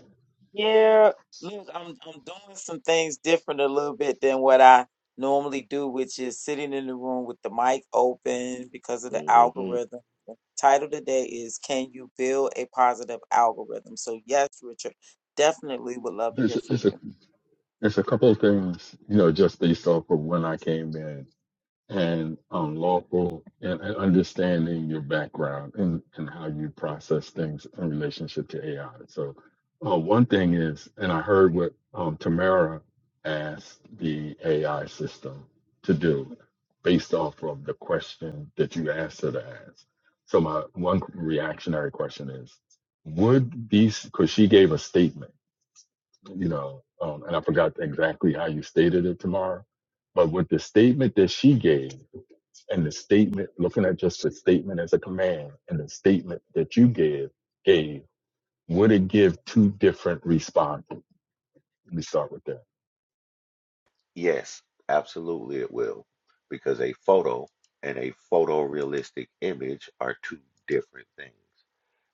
S2: yeah. Look, I'm I'm doing some things different a little bit than what I normally do, which is sitting in the room with the mic open because of the
S4: hmm
S2: algorithm. The title today is Can You Build a Positive Algorithm? So yes, Richard, definitely would love to
S5: There's
S2: hear from
S5: it's a
S2: you.
S5: There's a couple of things, you know, just based off of when I came in. and unlawful and, and understanding your background and, and how you process things in relationship to AI. So uh, one thing is, and I heard what um, Tamara asked the AI system to do based off of the question that you asked her to ask. So my one reactionary question is, would these, because she gave a statement, you know, um, and I forgot exactly how you stated it, Tamara, but with the statement that she gave, and the statement, looking at just the statement as a command and the statement that you gave, gave, would it give two different responses? Let me start with that.
S4: Yes, absolutely it will. Because a photo and a photorealistic image are two different things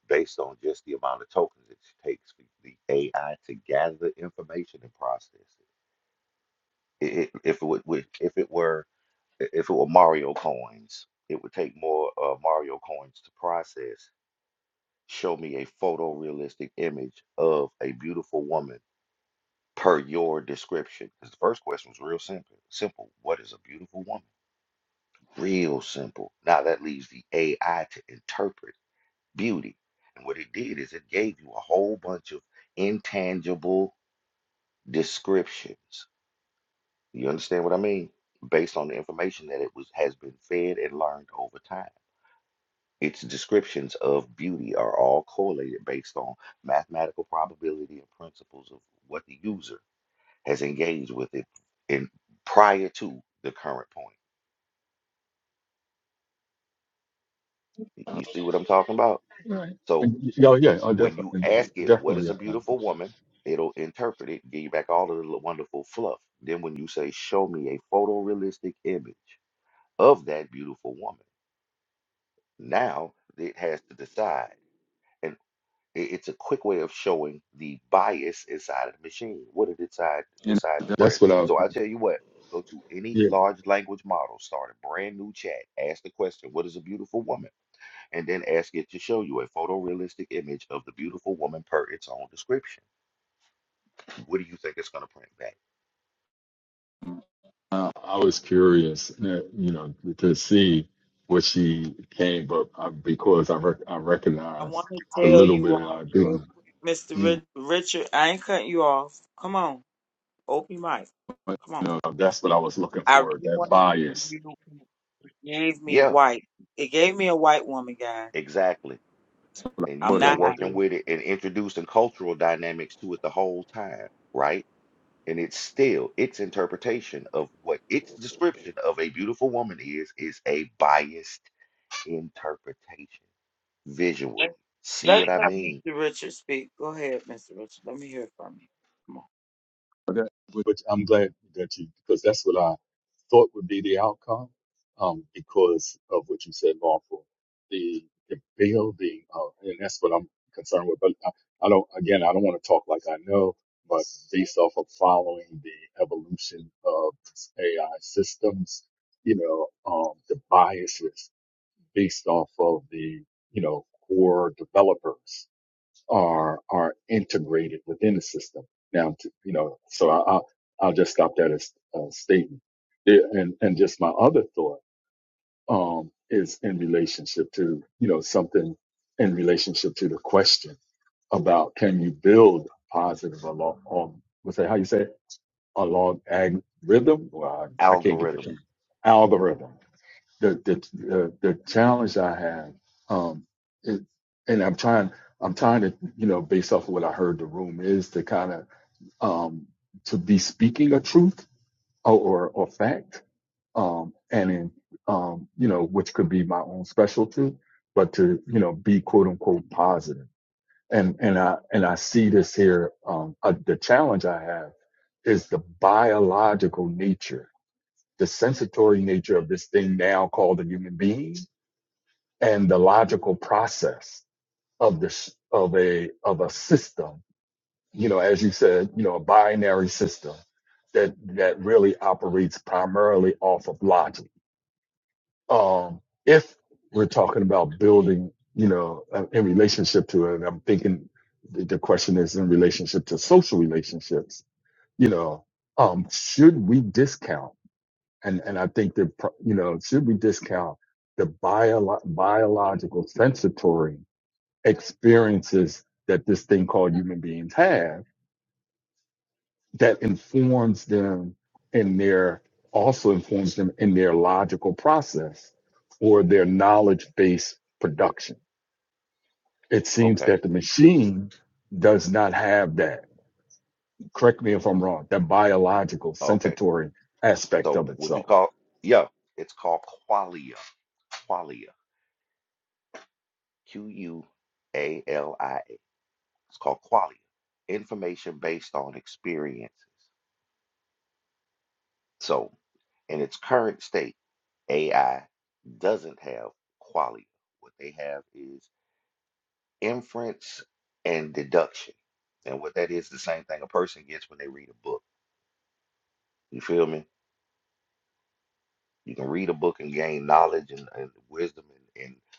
S4: based on just the amount of tokens it takes for the AI to gather the information and process it. I- i- If it would, would- if it were i- if it were Mario coins, it would take more uh, Mario coins to process. Show me a photorealistic image of a beautiful woman per your description. Because the first question was real simple. Simple. What is a beautiful woman? Real simple. Now that leaves the AI to interpret beauty. And what it did is it gave you a whole bunch of intangible descriptions. You understand what I mean? Based on the information that it was has been fed and learned over time. Its descriptions of beauty are all correlated based on mathematical probability and principles of what the user has engaged with it in prior to the current point. Y- You see what I'm talking about? So
S5: And, yeah, yeah, oh,
S4: when you
S5: definitely,
S4: ask it, what is
S5: definitely.
S4: a
S5: Yeah.
S4: beautiful woman? It'll interpret it, give you back all of the little wonderful fluff. Then when you say, show me a photorealistic image of that beautiful woman, now it has to decide. It- It's a quick way of showing the bias inside of the machine. What did it decide
S5: And
S4: decide to press?
S5: that's what I,
S4: So I tell you what, go to any
S5: yeah,
S4: large language model, start a brand new chat, ask the question, "What is a beautiful woman?" and then ask it to show you a photorealistic image of the beautiful woman per its own description. What do you think it's going to print back?
S5: uh, I was curious, uh, you know, to see what she came up uh, because I rec- I
S2: I want
S5: recognized
S2: to
S5: the
S2: tell
S5: little
S2: you
S5: bit that
S2: all
S5: I do.
S2: real quick, Mr.
S5: Mm.
S2: Ri- Richard, I ain't cutting you off. Come on, open mic.
S5: But
S2: Come
S5: you
S2: on.
S5: know, that's what I was looking
S2: I
S5: for,
S2: really
S5: that
S2: want to tell
S5: bias,
S2: you, it gave me
S4: Yeah,
S2: white. It gave me a white woman, guys.
S4: exactly. And
S2: I'm
S4: you've
S5: what it
S4: been
S2: not
S5: would
S2: happy.
S4: working
S5: do.
S4: with it and introducing cultural dynamics to it the whole time, right? and it's still its interpretation of what its description of a beautiful woman is is a biased interpretation visually
S2: Let-
S4: see
S2: Let's
S4: what i
S2: let
S4: mean
S2: Mr. Richard speak. Go ahead, Mr. Richard. Let me hear from you. Come on.
S5: But that, which I'm glad that you, because that's what I thought would be the outcome, um, because of what you said, lawful, the, the building, uh, and that's what I'm concerned with. But I, I don't, again, I don't want to talk like I know, but based off of following the evolution of AI systems, you know, um, the biases based off of the, you know, core developers are are integrated within the system. Now, to, you know, so I, I'll I'll just stop that as a statement. Yeah, and and just my other thought um, is in relationship to you know something in relationship to the question about can you build positive along um, what's that how you say it? along ag rhythm? Well, I, I can't get the thing
S4: algorithm
S5: algorithm the the the, the challenge I have, um, it, and I'm trying I'm trying to you know based off of what I heard the room is to kind of um, to be speaking a truth or or, or fact, um, and in um, you know which could be my own special truth, but to you know be quote unquote positive. And and I and I see this here. Um, uh, the challenge I have is the biological nature, the sensory nature of this thing now called a human being and the logical process of this of a of a system you know as you said you know a binary system that that really operates primarily off of logic um if we're talking about building you know uh, in relationship to it and i'm thinking the the question is in relationship to social relationships you know um should we discount and and i think that pro- you know should we discount the bio- biological sensory experiences that this thing called human beings have that informs them in their also informs them in their logical process or their knowledge based production. It seems
S4: okay
S5: that the machine does not have that. Correct me if I'm wrong, that biological
S4: okay
S5: sensory aspect
S4: so
S5: of
S4: what you
S5: itself.
S4: call yeah it's called qualia qualia q u a l i a it's called qualia information based on experiences so in its current state ai doesn't have qualia what they have is inference and deduction. And what that is, the same thing a person gets when they read a book. You feel me? You can read a book and gain knowledge and, and wisdom and, and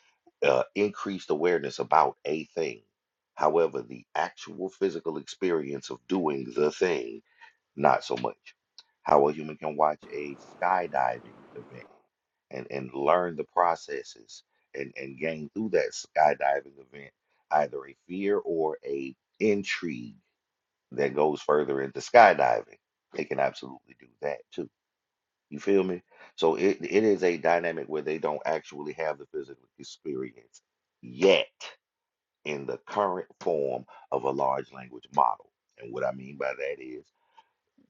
S4: uh, increased awareness about a thing. However, the actual physical experience of doing the thing, not so much. How a human can watch a skydiving event and, and learn the processes and, and gain through that skydiving event either a fear or a intrigue that goes further into skydiving. They can absolutely do that too. You feel me? So it, it is a dynamic where they don't actually have the physical experience yet in the current form of a large language model. And what I mean by that is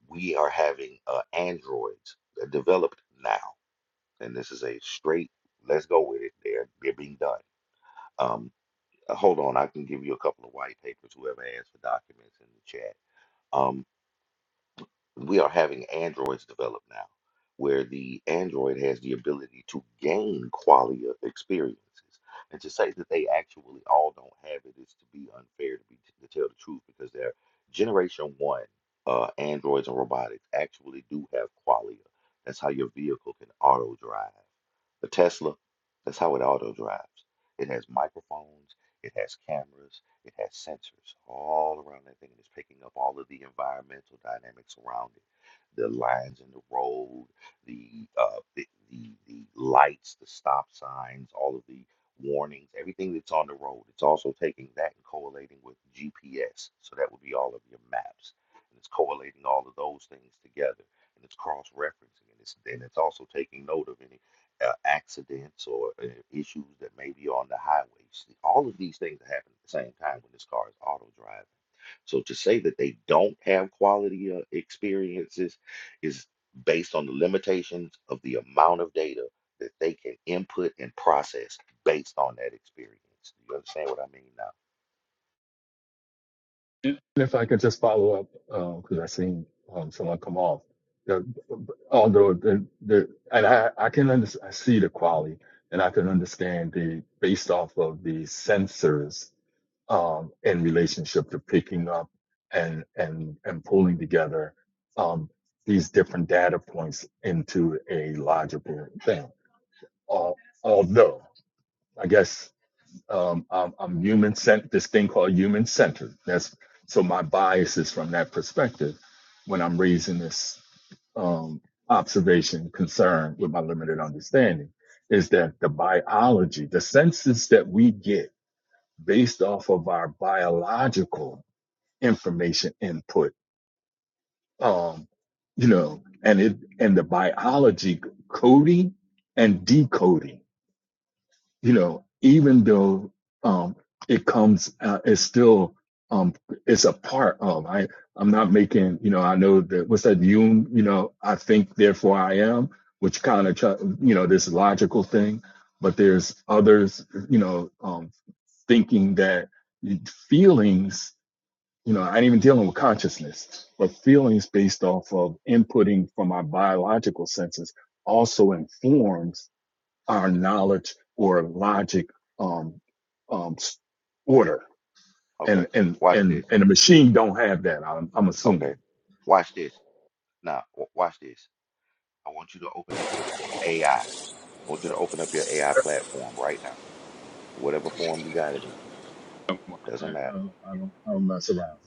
S4: we are having uh, androids that developed now. And this is a straight, let's go with it. They're, they're being done. Um, uh, hold on, I can give you a couple of white papers, whoever asked for documents in the chat. Um. we are having androids develop now where the android has the ability to gain quality of experiences and to say that they actually all don't have it is to be unfair to be to tell the truth because their generation one uh, androids and robotics actually do have qualia that's how your vehicle can auto drive the tesla that's how it auto drives it has microphones it has cameras it has sensors all around that thing and it's picking up all of the environmental dynamics around it. The lines in the road, the uh the, the the lights, the stop signs, all of the warnings, everything that's on the road. It's also taking that and correlating with GPS. So that would be all of your maps. And it's correlating all of those things together and it's cross referencing and it's and it's also taking note of any uh, accidents or uh, issues that may be on the highways. All of these things are happening at the same time when this car is auto driving. So to say that they don't have quality uh, experiences is based on the limitations of the amount of data that they can input and process based on that experience. Do you understand what I mean now?
S5: And if I could just follow up, because I seen um, someone come off. The, although the, the and I, I can under, I see the quality and I can understand the based off of the sensors um, in relationship to picking up and and and pulling together um, these different data points into a logical thing. Al although I guess um, I'm, I'm human cent this thing called human centered. That's so my bias is from that perspective when I'm raising this um, observation concern with my limited understanding is that the biology, the senses that we get based off of our biological information input, um, you know, and it and the biology coding and decoding you know, even though um, it comes, uh, it's still, um, it's a part of. I, I'm not making, you know, I know that what's that Jung, you know, I think therefore I am, which kind of, you know, this logical thing. But there's others, you know, um, thinking that feelings, you know, I ain't even dealing with consciousness, but feelings based off of inputting from our biological senses also informs our knowledge or logic um, um, order.
S4: Okay,
S5: And, and,
S4: watch this.
S5: and, and the machine don't have that, I'm, I'm
S4: Okay,
S5: assuming.
S4: watch this. Now, w- watch this. I want you to open up your AI. I I want you to open up your AI platform right now. whatever form you got it in.
S5: I,
S4: Doesn't
S5: I,
S4: matter.
S5: don't, I don't I don't mess around.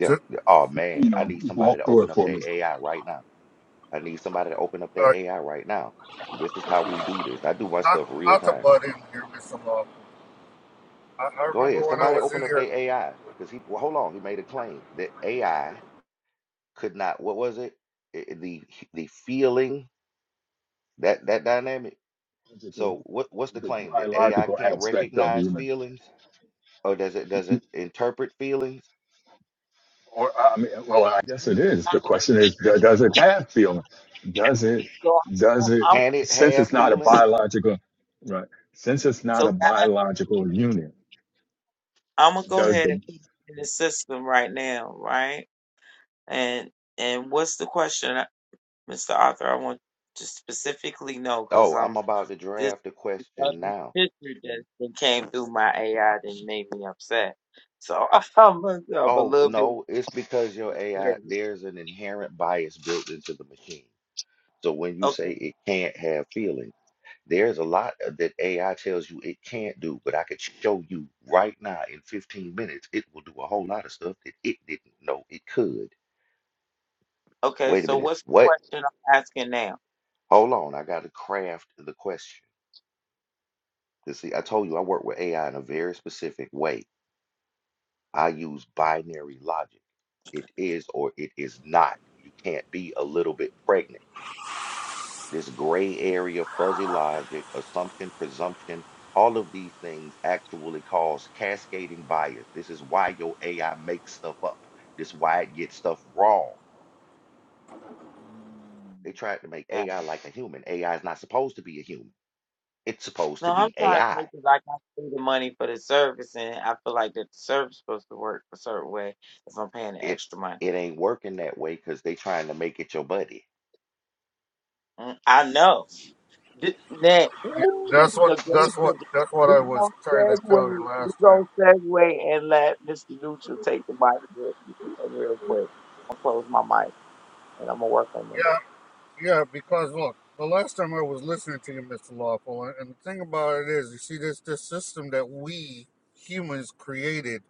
S4: Yeah.
S3: All
S4: yeah, Oh man,
S5: You
S4: I
S5: know,
S4: need somebody
S5: walk
S4: to
S5: through
S4: open
S5: it
S4: up
S5: for
S4: their
S5: me.
S4: AI right now. I need somebody to open up their
S3: right.
S4: AI right now. This is how we do this. I do my
S3: not
S4: stuff real
S3: not to
S4: time.
S3: butt in here, Mr. Law. I, I
S4: Go
S3: remember
S4: ahead.
S3: when I
S4: Somebody
S3: was
S4: open
S3: in
S4: up
S3: here.
S4: their AI because he. Well, hold on. He made a claim that AI could not. What was it? I- I- the the feeling that that dynamic. So what what's the
S5: The
S4: claim that AI
S5: biological
S4: can't
S5: aspect of the
S4: recognize
S5: human.
S4: feelings or does it does it interpret feelings?
S5: Or I mean, well, I guess
S2: Mr.
S5: it is. The
S2: Richard,
S5: question is, do- does it have feeling? Does it?
S2: So I'm,
S5: Does it?
S4: Can it
S5: Since
S4: have
S5: it's
S2: I'm-
S5: not a
S4: feelings?
S5: biological, right? Since it's
S2: so
S5: not a
S2: guys,
S5: biological unit,
S2: I'm gonna go
S5: does
S2: ahead
S5: the
S2: and put it in the system right now, right? And and what's the question, Mr. Arthur? I want to specifically know because
S4: Oh, I'm
S2: I'm
S4: about to
S2: this.
S4: draft a
S2: of
S4: question
S2: the
S4: now.
S2: history that that came through my AI that made me upset. So I'm a, I'm a
S4: Oh,
S2: little bit
S4: no, it's because your AI,
S2: nervous.
S4: there's an inherent bias built into the machine. So when you say
S2: Okay,
S4: it can't have feelings, there's a lot of- that AI tells you it can't do, but I could show you right now in 15 minutes, it will do a whole lot of stuff that it didn't know it could.
S2: okay.
S4: Wait a
S2: So
S4: minute.
S2: what's the
S4: What?
S2: question I'm asking now?
S4: Hold on. I got to craft the question. You see, I told you I work with AI in a very specific way. I use binary logic. It is or it is not. You can't be a little bit pregnant. This gray area, fuzzy logic, assumption, presumption, all of these things actually cause cascading bias. This is why your AI makes stuff up. This is why it gets stuff wrong. They
S2: Mm,
S4: tried to make
S2: Yeah.
S4: AI like a human. AI is not supposed to be a human. It's supposed
S2: No,
S4: to
S2: I'm
S4: be
S2: trying to
S4: AI.
S2: think because like I can pay the money for the service, and I feel like that the service supposed to work a certain way if I'm paying the
S4: It
S2: extra money.
S4: it ain't working that way because they trying to make it your buddy.
S2: Mm, I know. Th- That, ooh, this
S3: That's
S2: is
S3: what
S2: a great
S3: that's what
S2: subject.
S3: that's what
S2: We're
S3: I was
S2: going to
S3: trying to tell
S2: segue,
S3: you
S2: we
S3: last time.
S2: going to segue and let Mr. Neutral take the mic real, real quick. I'll close my mic and I'm going to work on them.
S3: Yeah, yeah. Because look, the last time I was listening to you, Mr. Lawful, and, and the thing about it is, you see, this this system that we humans created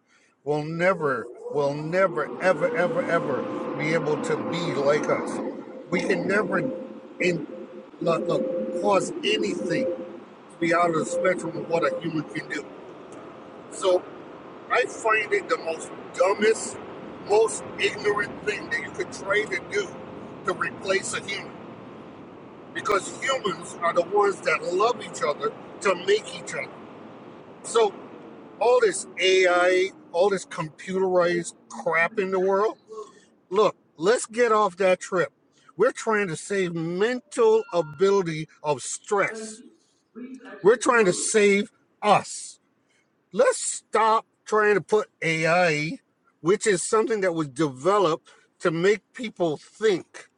S3: will never, will never, ever, ever, ever be able to be like us. We can never, in look, look, cause anything to be out of the spectrum of what a human can do. So. I find it the most dumbest, most ignorant thing that you could try to do to replace a human. Because humans are the ones that love each other to make each other. So all this AI, all this computerized crap in the world, look, let's get off that trip. We're trying to save mental ability of stress. We're trying to save us. let's stop trying to put AI, which is something that was developed to make people think.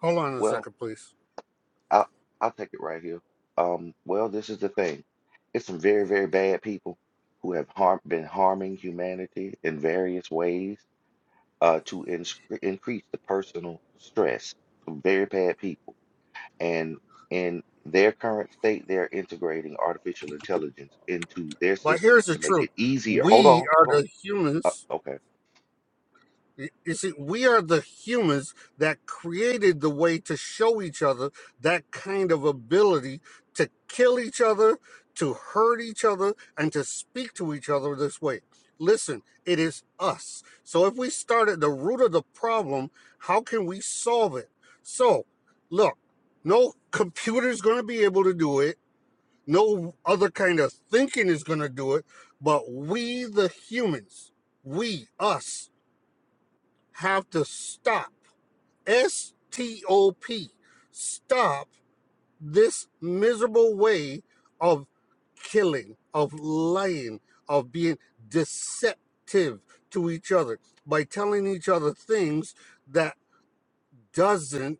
S3: Hold on a
S4: Well,
S3: second, please.
S4: I'll I'll take it right here. Um, well, this is the thing. It's some very, very bad people who have harm been harming humanity in various ways uh, to insc increase the personal stress. Some very bad people, and in their current state, they're integrating artificial intelligence into their
S3: But
S4: systems
S3: here's the
S4: to make
S3: truth
S4: it easier. Hold
S3: we
S4: on,
S3: are
S4: hold on.
S3: the humans
S4: Uh, okay,
S3: You see, we are the humans that created the way to show each other that kind of ability to kill each other, to hurt each other, and to speak to each other this way. Listen, it is us. So if we start at the root of the problem, how can we solve it? So, look, no computer's going to be able to do it. No other kind of thinking is going to do it, but we, the humans, we, us, have to stop, S T O P, stop this miserable way of killing, of lying, of being deceptive to each other by telling each other things that doesn't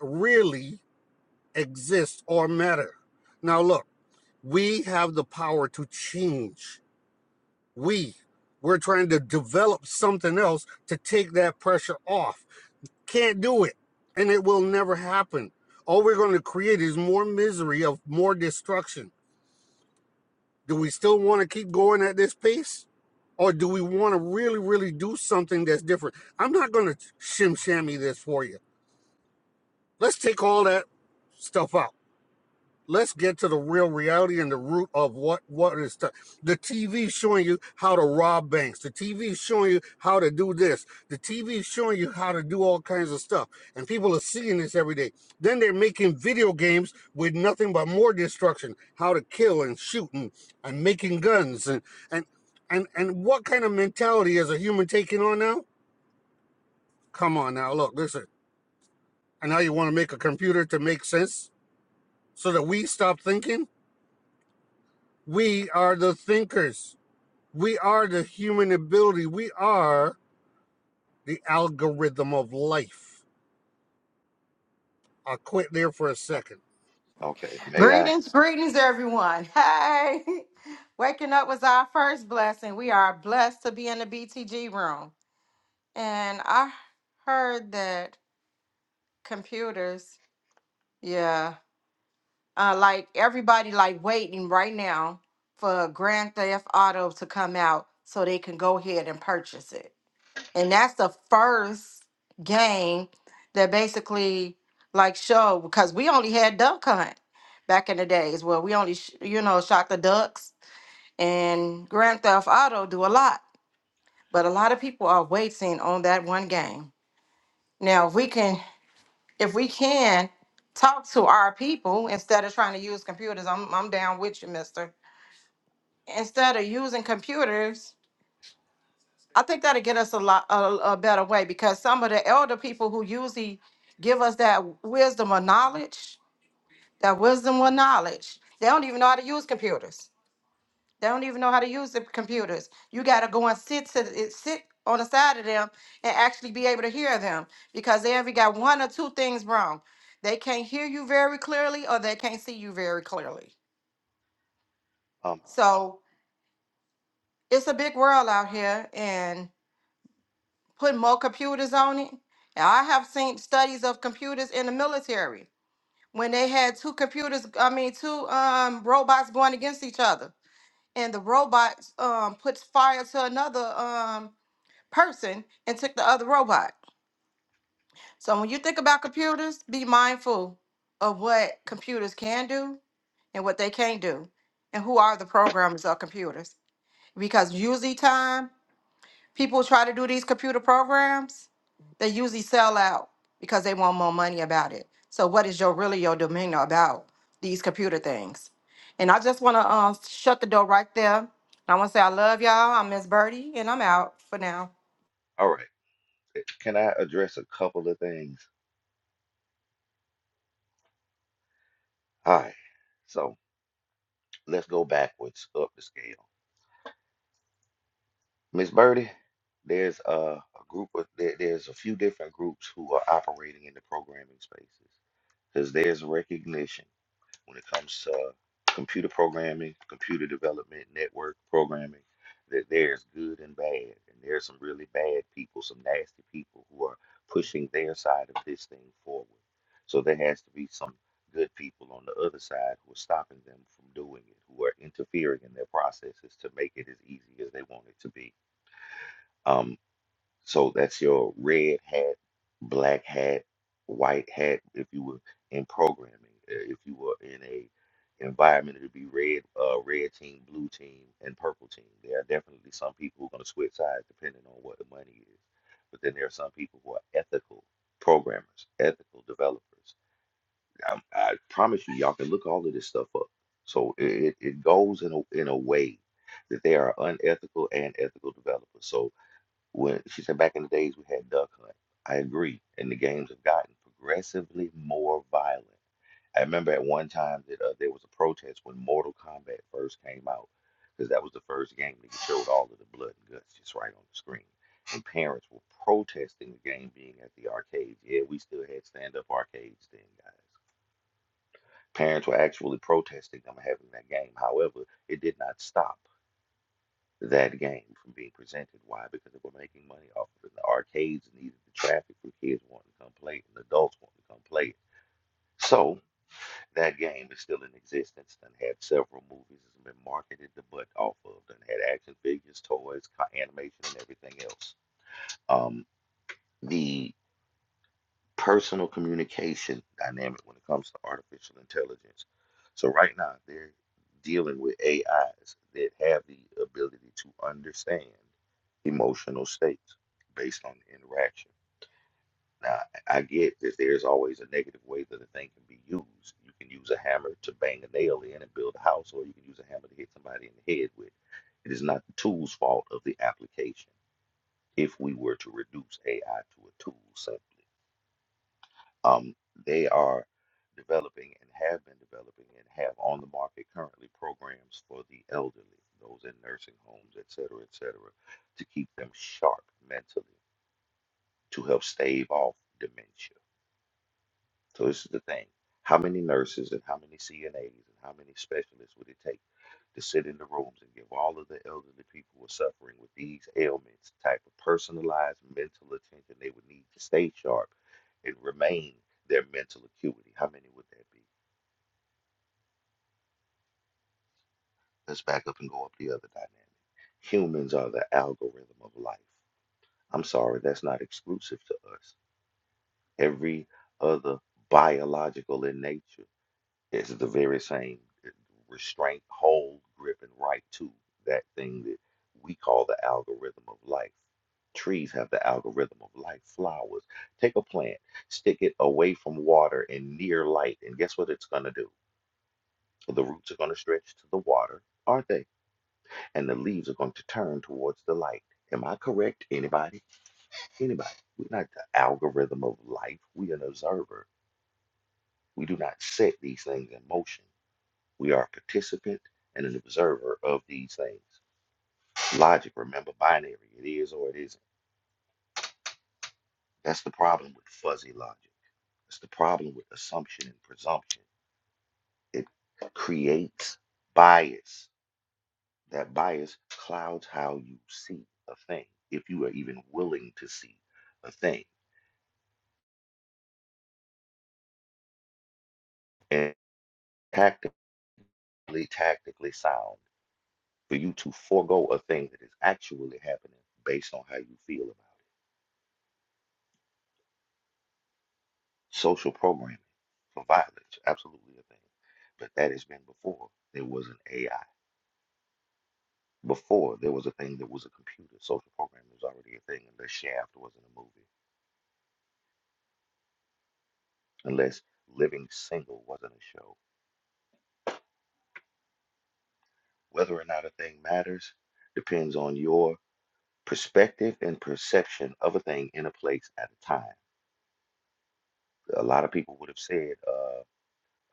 S3: really exist or matter. Now look, we have the power to change. We we're trying to develop something else to take that pressure off Can't do it. And it will never happen. All we're going to create is more misery of more destruction. Do we still want to keep going at this pace? Or do we want to really, really do something that's different? I'm not going to shim shammy this for you. Let's take all that stuff out. let's get to the real reality and the root of what what is the, the TV showing you how to rob banks. The TV showing you how to do this. The TV showing you how to do all kinds of stuff. And people are seeing this every day. Then they're making video games with nothing but more destruction, how to kill and shoot and, and making guns and and and and what kind of mentality is a human taking on now? Come on now, look, listen. And now you want to make a computer to make sense so that we stop thinking? We are the thinkers. We are the human ability. We are the algorithm of life. I'll quit there for a
S4: uh,
S3: second.
S4: okay. May I?
S6: Greetings, greetings, everyone. Hey, waking up was our first blessing. We are blessed to be in the BTG room. And I heard that computers, yeah, uh, like everybody, like waiting right now for Grand Theft Auto to come out so they can go ahead and purchase it. And that's the first game that basically, like, showed because we only had Duck Hunt back in the days where we only, sh- you know, shot the ducks and Grand Theft Auto do a lot, but a lot of people are waiting on that one game. Now, if we can, if we can talk to our people instead of trying to use computers, I'm I'm down with you, Mister. Instead of using computers, I think that'll get us a lot a, a better way because some of the elder people who usually give us that wisdom or knowledge, that wisdom or knowledge, they don't even know how to use computers They don't even know how to use the computers. You got to go and sit to it- sit on the side of them and actually be able to hear them because they ever got one or two things wrong. They can't hear you very clearly or they can't see you very clearly.
S4: Um,
S6: So it's a big world out here and putting more computers on it. And I have seen studies of computers in the military when they had two computers, I mean two um robots going against each other. And the robots um puts fire to another um, person and took the other robot. So when you think about computers, be mindful of what computers can do and what they can't do and who are the programmers of computers. Because usually time people try to do these computer programs, they usually sell out because they want more money about it. So what is your really your demeanor about these computer things? And I just want to uh, shut the door right there. And I want to say I love y'all. I'm Miss Birdie, and I'm out for now.
S4: all right. Can I address a couple of things? Hi. So. let's go backwards up the scale. Miss Birdie, there's a, a group of there, there's a few different groups who are operating in the programming spaces because there's recognition when it comes to computer programming, computer development, network programming, that there's good and bad. And there's some really bad people, some nasty people who are pushing their side of this thing forward. So there has to be some good people on the other side who are stopping them from doing it, who are interfering in their processes to make it as easy as they want it to be. Um. So that's your red hat, black hat, white hat. If you were in programming, uh, if you were in a environment, it'd be red, uh, red team, blue team, and purple team. There are definitely some people who are going to switch sides depending on what the money is. But then there are some people who are ethical programmers, ethical developers. I, I promise you, y'all can look all of this stuff up. So it, it it goes in a in a way that they are unethical and ethical developers. So what she said back in the days we had duck hunt. I agree, and the games have gotten progressively more violent. I remember at one time that uh, there was a protest when Mortal Kombat first came out, because that was the first game that showed all of the blood and guts just right on the screen. And parents were protesting the game being at the arcades. Yeah, we still had stand-up arcades then, guys. Parents were actually protesting them having that game. However, it did not stop that game from being presented. Why? Because they were making money off of it. The arcades needed the traffic for kids wanting to come play it and adults wanting to come play it. So that game is still in existence. Done had several movies that's been marketed the butt off of. Done had action figures, toys, co- animation, and everything else. Um, the personal communication dynamic when it comes to artificial intelligence. So right now they're dealing with AIs that have the ability to understand emotional states based on the interaction. Now I I get that there's always a negative way that a thing can be used. You can use a hammer to bang a nail in and build a house, or you can use a hammer to hit somebody in the head with. It is not the tool's fault of the application if we were to reduce AI to a tool simply. Um, they are developing and have been developing and have on the market currently programs for the elderly, those in nursing homes, et cetera, et cetera, to keep them sharp mentally, to help stave off dementia. So this is the thing. How many nurses and how many CNAs and how many specialists would it take? to sit in the rooms and give all of the elderly people who are suffering with these ailments the type of personalized mental attention they would need to stay sharp and remain their mental acuity. How many would that be? Let's back up and go up the other dynamic. Humans are the algorithm of life. I'm sorry, that's not exclusive to us. Every other biological in nature It's the very same restraint, hold, grip, and right to that thing that we call the algorithm of life. Trees have the algorithm of life. Flowers. Take a plant, stick it away from water and near light, and guess what it's going to do? The roots are going to stretch to the water, aren't they? And the leaves are going to turn towards the light. Am I correct? Anybody? Anybody? We're not the algorithm of life. We are an observer. We do not set these things in motion. We are a participant and an observer of these things. Logic, remember, binary. It is or it isn't. That's the problem with fuzzy logic. It's the problem with assumption and presumption. It creates bias. That bias clouds how you see a thing, if you are even willing to see a thing. And tactically, tactically sound for you to forego a thing that is actually happening based on how you feel about it. Social programming for violence, absolutely a thing. But that has been before there was an AI. Before there was a thing that was a computer. Social programming was already a thing unless Shaft wasn't a movie. Unless Living Single wasn't a show. Whether or not a thing matters depends on your perspective and perception of a thing in a place at a time. A lot of people would have said uh,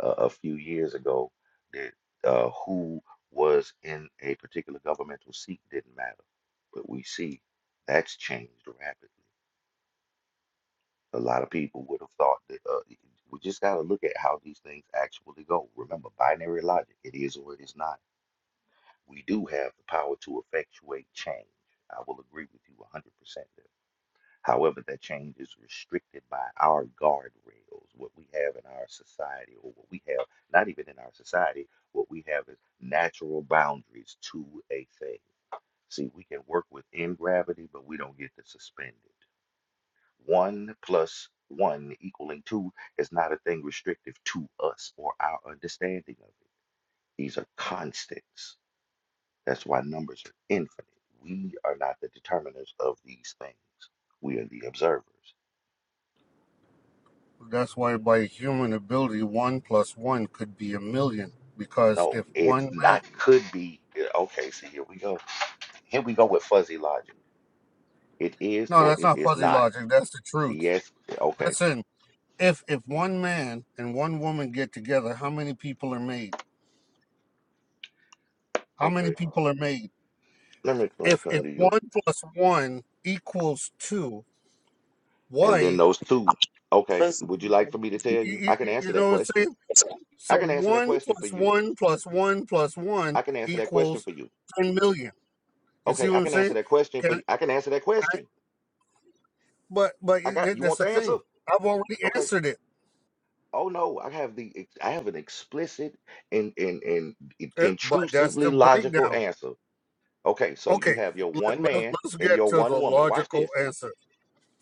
S4: uh, a few years ago that uh, who was in a particular governmental seat didn't matter. But we see that's changed rapidly. A lot of people would have thought that uh, y- we just got to look at how these things actually go. Remember, binary logic it is or it is not. We do have the power to effectuate change. I will agree with you 100% there. However, that change is restricted by our guardrails, what we have in our society, or what we have, not even in our society, what we have is natural boundaries to a thing. See, we can work within gravity, but we don't get to suspend it. One plus one equaling two is not a thing restrictive to us or our understanding of it. These are constants. That's why numbers are infinite. We are not the determiners of these things, we are the observers.
S3: That's why, by human ability, one plus one could be a million. Because
S4: No,
S3: if
S4: it's
S3: one man,
S4: not could be. yeah, Okay, see, here we go. Here we go with fuzzy logic. It is
S3: no,
S4: or
S3: that's
S4: it
S3: not
S4: is
S3: fuzzy
S4: not.
S3: logic. That's the truth.
S4: Yes, okay,
S3: Listen, if if one man and one woman get together, how many people are made? How many
S4: okay.
S3: people are made?
S4: Let me explain
S3: If
S4: something
S3: if
S4: to you.
S3: one plus one equals two,
S4: And then
S3: why?
S2: Don't
S4: those
S2: be
S4: two. Okay,
S2: First,
S4: would you like for me to tell
S3: You,
S4: you?
S3: you,
S4: I can
S3: you
S4: answer that
S3: know what I'm saying?
S4: question. I
S3: So
S4: can answer that
S3: one
S4: question for
S3: plus
S4: you.
S3: one plus one plus
S4: I
S3: one
S4: can answer that question
S3: equals
S4: for you.
S3: ten million. You see
S4: Okay, I
S3: what I'm
S4: can answer
S3: saying?
S4: that question for
S3: Can
S4: you. I can answer that
S3: I,
S4: question.
S3: but but
S4: I got you
S3: that's
S4: want
S3: the
S4: the answer?
S3: thing. I've already
S4: Okay.
S3: answered it,
S4: Oh no, I have the ex- I have an explicit and and and i-
S3: Uh, but that's
S4: intrusively
S3: the
S4: logical
S3: breakdown.
S4: answer. Okay, so you
S3: Okay,
S4: have your
S3: let,
S4: one
S3: let,
S4: man
S3: let's
S4: and
S3: get
S4: your
S3: to
S4: one
S3: the
S4: woman. Watch
S3: logical
S4: this.
S3: answer.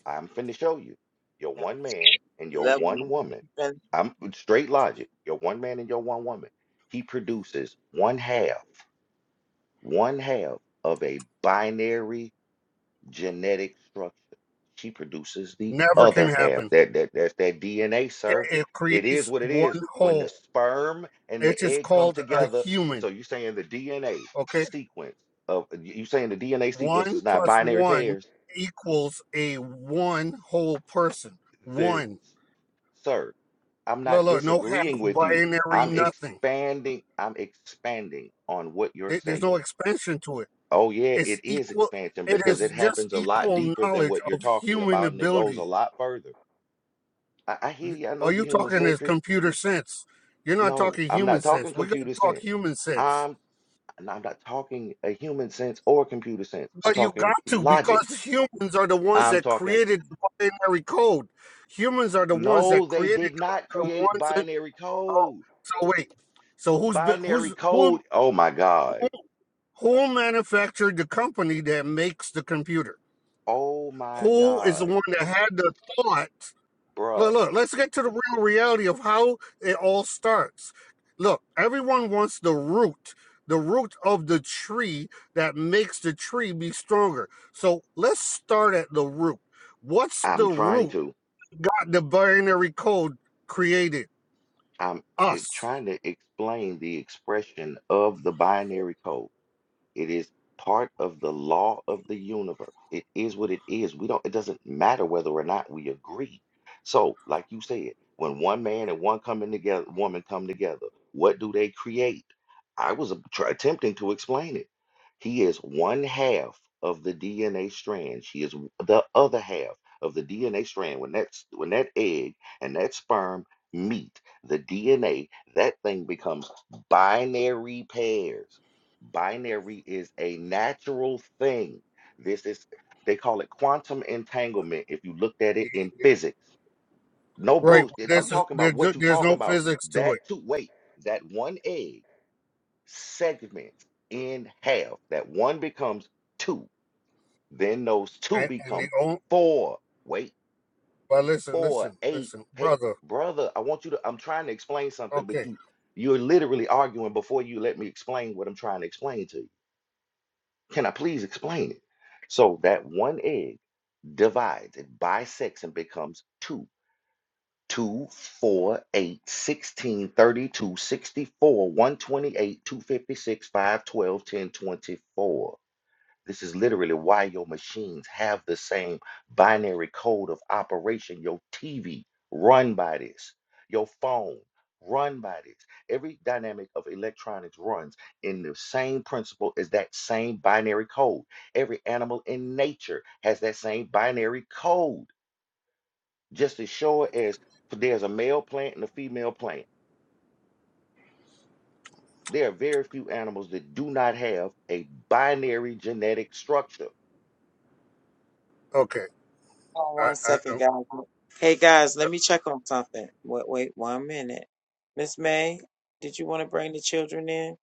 S4: I'm finna show you. Your one man and your
S2: that
S4: one woman.
S2: one.
S4: I'm straight logic. Your one man and your one woman. He produces one half, one half of a binary genetic structure. She produces the
S3: Never can
S4: other half.
S3: happen.
S4: That that that's that DNA,
S3: It,
S4: sir.
S3: it
S4: It is
S3: creates
S4: what it
S3: one
S4: is. When the
S3: whole.
S4: sperm and
S3: It
S4: the
S3: is
S4: egg come
S3: called a
S4: together,
S3: human.
S4: so you're saying the DNA
S3: Okay,
S4: sequence of you saying the DNA sequence
S3: one
S4: is not
S3: plus
S4: binary
S3: one
S4: pairs.
S3: equals a one whole person.
S4: This,
S3: One.
S4: sir, I'm
S3: Look,
S4: not
S3: look, no half
S4: disagreeing with you.
S3: binary,
S4: I'm
S3: nothing.
S4: expanding. I'm expanding on what you're
S3: There- There's no
S4: saying.
S3: expansion to it.
S4: Oh yeah,
S3: It's
S4: it is
S3: equal.
S4: expansion
S3: It
S4: because it
S3: is just
S4: happens a lot
S3: equal
S4: deeper than
S3: knowledge
S4: what you're
S3: of
S4: talking
S3: human
S4: about, and it goes a
S3: ability.
S4: lot further. I, I hear you. I know
S3: All
S4: you're
S3: you
S4: human
S3: talking is
S4: centric.
S3: computer sense. You're not
S4: No,
S3: talking
S4: I'm
S3: human
S4: not talking
S3: sense. We're gonna
S4: computer
S3: talk
S4: sense.
S3: human sense.
S4: I'm and I'm not talking a human sense or computer sense. I'm
S3: But you
S4: talking
S3: got to
S4: logic.
S3: because humans are the ones
S4: I'm
S3: that
S4: talking
S3: created the binary code. Humans are the ones
S4: no,
S3: that
S4: they
S3: created
S4: did not
S3: the
S4: create
S3: ones. That,
S4: binary
S3: oh,
S4: code.
S3: so wait. So who's be-
S4: Binary
S3: who's who
S4: code. Oh my God.
S3: who who manufactured the company that makes the computer?
S4: Oh my
S3: Who is the
S4: God.
S3: one that had the thought?
S4: Bruh.
S3: Look, look, let's get to the real reality of how it all starts. Look, everyone wants the root, the root of the tree that makes the tree be stronger. So let's start at the root. What's
S4: I'm
S3: the
S4: trying
S3: root
S4: to.
S3: that got the binary code created?
S4: I'm eh,
S3: Us.
S4: trying to explain the expression of the binary code. It is part of the law of the universe. It is what it is. We don't, it doesn't matter whether or not we agree. So, like you said, when one man and one coming together, woman come together, what do they create? I was a- try, attempting to explain it. He is one half of the DNA strand. She is w- the other half of the DNA strand. When that's when that egg and that sperm meet the DNA, that thing becomes binary pairs. Binary is a natural thing. This is, they call it quantum entanglement if you looked at it in physics. No
S3: Right.
S4: bullshit. I'm
S3: This is
S4: talking about what
S3: there-
S4: you
S3: there's
S4: talking
S3: no
S4: about.
S3: physics to
S4: That
S3: it,
S4: two, wait, that one egg segments in half. That one becomes two. Then those two
S3: and, and
S4: become
S3: the only.
S4: four. Wait,
S3: But listen,
S4: four,
S3: listen,
S4: eight.
S3: listen,
S4: Hey,
S3: brother.
S4: brother, I want you to, I'm trying to explain something, but
S3: Okay,
S4: you, you're literally arguing before you let me explain what I'm trying to explain to you. Can I please explain it? So that one egg divides, it bisects and becomes two. 2, 128, 256, 5 12, 10 24. This is literally why your machines have the same binary code of operation. Your TV run by this. Your phone run by this. Every dynamic of electronics runs in the same principle as that same binary code. Every animal in nature has that same binary code. Just as sure as there's a male plant and a female plant, there are very few animals that do not have a binary genetic structure.
S3: okay.
S2: Oh,
S3: I,
S2: one second,
S3: I,
S2: guys. Hey, guys, let me check on something. Wait, wait one minute. Miss May, did you want to bring the children in?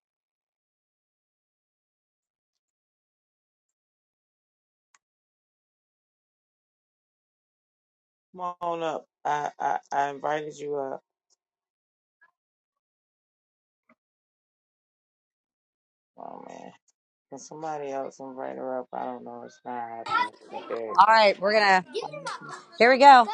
S2: Come on up. I, I, I invited you up. Oh, man. Can somebody else invite her up? I don't know. It's not happening. There you
S7: All
S2: go.
S7: right, we're gonna.
S2: I miss you.
S7: Here we go. Guys,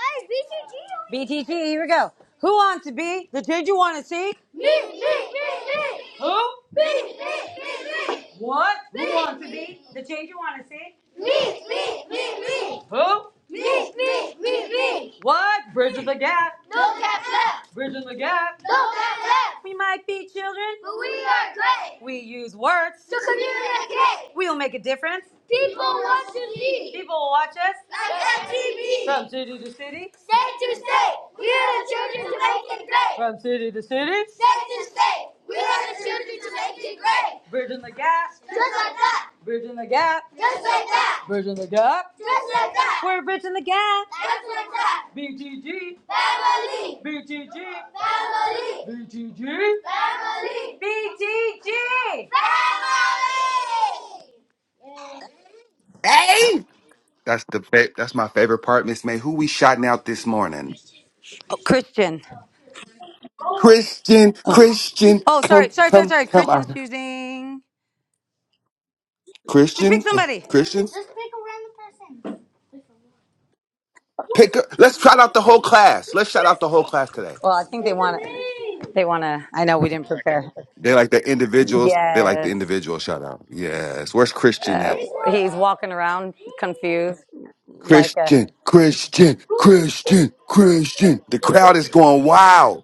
S7: BTG. here we go. Who wants to be the kid you want to see? Me, me, me, me. Who? Me, me, me, me. What? Me, Who wants to be the change you want to see? Me, me, me, me. Who? Me, me, me, me. What? Bridging the gap. No gap left. Bridging the gap. No gap left. We might be children, but we are great. We use words to communicate. We'll make a difference People want to leave. People watch us Like MTV. from city to city, State to state. We are the children to make it great. from city to city, State to state. We are the children to make it great. bridging the gap, Just like that. bridging the gap, Just like that. bridging the gap. Just like that. We're bridging the gap. Just like that. BTG, Family. BTG, Family. BTG, Family. BTG. Family.
S8: Hey, that's the fa- that's my favorite part, Miss May. Who we shouting out this morning?
S7: Oh, Christian.
S8: Christian,
S7: Oh,
S8: Christian,
S7: Oh, sorry,
S8: come,
S7: sorry, sorry,
S8: come,
S7: sorry.
S8: come
S7: Christian's
S8: on,
S7: choosing. Just pick
S8: Christian,
S7: somebody.
S8: Christians, pick up. Let's shout out the whole class. Let's shout out the whole class today.
S7: Well, I think they want to. They want to. I know we didn't prepare.
S8: They like the individuals. They like the
S7: Yes.
S8: individual shout out. Yes. Where's Christian
S7: Uh,
S8: at?
S7: he's walking around confused, like a.
S8: Christian, Christian, Christian, Christian. The crowd is going wild.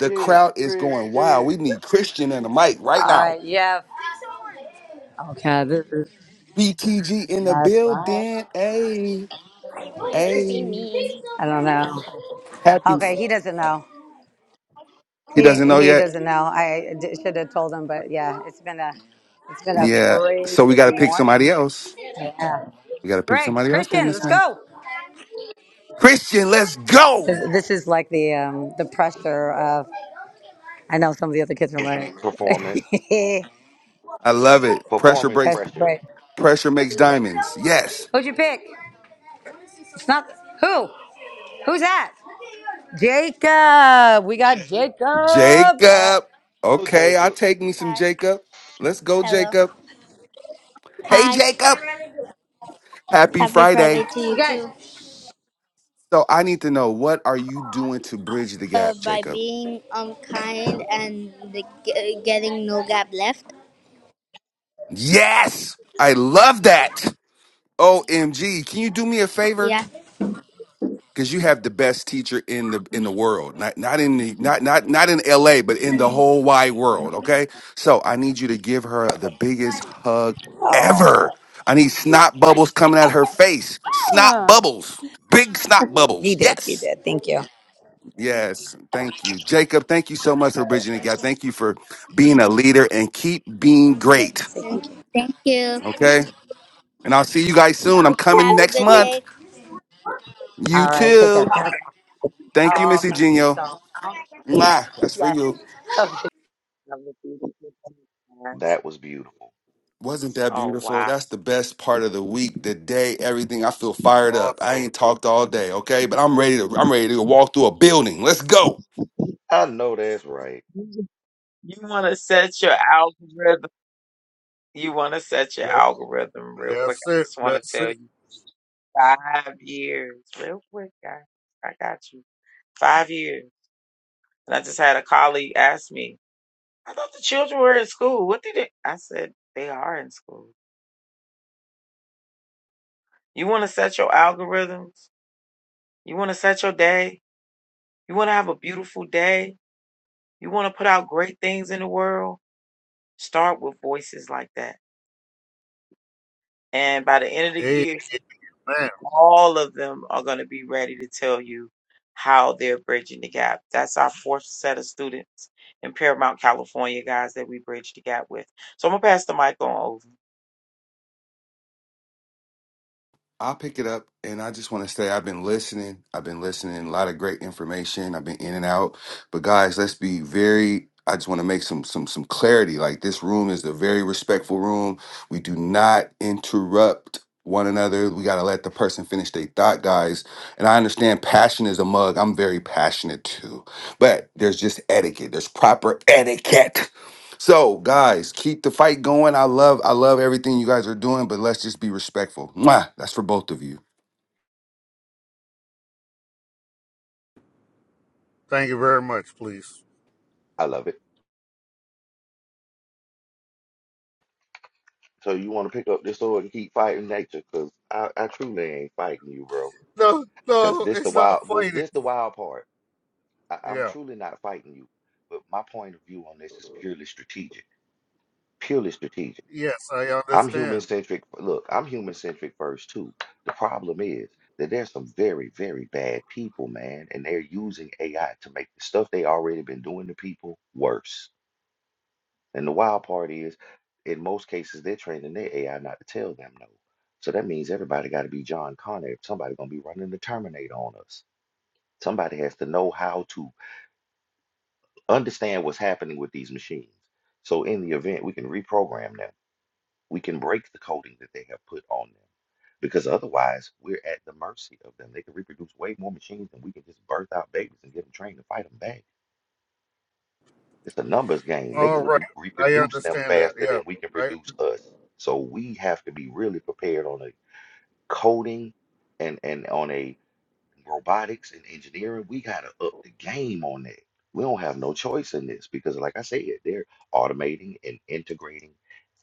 S8: The crowd is going wild.
S4: Christian.
S8: We need Christian and the mic right
S7: All
S8: now.
S7: right, Yeah. Okay, this is.
S8: BTG in the
S7: That's right.
S8: building. Hey. Hey,
S7: I don't know.
S8: happy.
S7: Okay, he doesn't know.
S8: He doesn't
S7: He
S8: know
S7: he
S8: yet.
S7: doesn't know. I d- should have told him, but yeah, it's been a it's been a
S8: Yeah. So
S7: crazy
S8: we got to pick
S7: morning.
S8: somebody else.
S7: Yeah.
S8: We got to pick
S7: Great,
S8: somebody else then,
S7: Christian,
S8: Miss
S7: let's
S8: May.
S7: go.
S8: Christian, let's go.
S7: This, this is like the um, the pressure of. I know some of the other kids are like
S4: Performance.
S8: I love it. Pressure
S4: Performance
S8: breaks.
S7: pressure.
S4: pressure.
S7: Right.
S8: Pressure makes diamonds. Yes.
S7: Who'd you pick? It's not who. Who's that? Jacob. We got Jacob. All right.
S8: Jacob.
S4: Oh,
S8: Okay, I'll
S4: Jacob,
S8: take me some
S7: Hi.
S8: Jacob. Let's go,
S7: Hello.
S8: Jacob. Hey,
S7: Hi.
S8: Jacob. Happy
S7: Happy Friday
S8: Friday.
S7: to You you guys,
S8: So I need to know what are you doing to bridge the
S7: Uh,
S8: gap,
S7: by
S8: Jacob?
S7: being unkind and the, g- getting no gap left.
S8: Yes. I love that. OMG. Can you do me a favor?
S7: Yeah.
S8: because you have the best teacher in the in the world not not in the, not not not in LA but in the whole wide world okay so i need you to give her the biggest hug ever i need snot bubbles coming out her face snot bubbles big snot
S7: He
S8: bubbles
S7: did. He
S8: yes
S7: did. Thank you.
S8: yes thank you jacob thank you so much for bridging the gap thank you for being a leader and keep being great
S7: Thank you. Thank you.
S8: okay and i'll see you guys soon i'm coming
S7: Have a
S8: next
S7: good
S8: month
S7: day. All
S8: you
S7: right. Take care.
S8: too
S7: Gotta-
S8: thank you
S7: Oh,
S8: missy
S7: thank you
S8: genio
S7: so.
S8: Mwah. that's for
S7: Yes.
S8: you
S7: Okay.
S2: I miss you. Yes.
S4: that was beautiful.
S8: Wasn't that
S2: Oh,
S8: beautiful?
S2: wow.
S8: That's the best part of the week, the day, everything. I feel fired up. I
S3: Awesome.
S8: ain't talked all day, okay? But I'm ready to I'm ready to walk through a building. Let's go.
S4: I know that's right.
S2: You want to set your algorithm. You want to set your
S3: That,
S2: algorithm real quick.
S3: that's
S2: I
S3: it.
S2: just want to
S3: That's
S2: tell
S3: it.
S2: you five years, real quick, guys. I got you. Five years. And I just had a colleague ask me, I thought the children were in school. What did they? I said, they are in school. You want to set your algorithms? You want to set your day? You want to have a beautiful day? You want to put out great things in the world? Start with voices like that. And by the end of the
S3: Hey,
S2: year,
S3: man.
S2: all of them are going to be ready to tell you how they're bridging the gap. That's our fourth set of students in Paramount, California, guys, that we bridge the gap with. So I'm gonna pass the mic on
S8: I'll pick it up and I just want to say I've been listening. I've been listening. A lot of great information. I've been in and out. But guys, let's be very I just want to make some some some clarity. Like this room is a very respectful room. We do not interrupt one another. We gotta let the person finish their thought, guys. And I understand passion is a mug. I'm very passionate too. But there's just etiquette. There's proper etiquette. So, guys, keep the fight going. I love, I love everything you guys are doing, but let's just be respectful. Mwah! That's for both of you,
S3: Thank you very much, please.
S4: I love it. So you want to pick up this sword and keep fighting nature, cause I, I truly ain't fighting you, bro.
S3: No,
S4: Cause
S3: no,
S4: this the
S3: it's not
S4: wild, well,
S3: fighting.
S4: this the wild part. I, I'm
S3: Yeah.
S4: truly not fighting you. But my point of view on this is purely strategic. Purely strategic.
S3: Yes, I
S4: I'm human
S3: understand.
S4: centric. Look, I'm human centric first too. The problem is that there's some very, very bad people, man, and they're using AI to make the stuff they already been doing to people worse. And the wild part is, in most cases, they're training their AI not to tell them no. So that means everybody got to be John Connor. If somebody's gonna be running the Terminator on us, somebody has to know how to understand what's happening with these machines. So in the event, we can reprogram them. We can break the coding that they have put on them because otherwise we're at the mercy of them. They can reproduce way more machines than we can just birth out babies and get them trained to fight them back. It's a numbers game. They can
S3: All right.
S4: reprodu
S3: I
S4: reproduce them
S3: understand that.
S4: faster
S3: Yeah.
S4: than we can
S3: I
S4: produce us. So we have to be really prepared on a coding and and on a robotics and engineering, we gotta up the game on that. We don't have no choice in this because, like I said, they're automating and integrating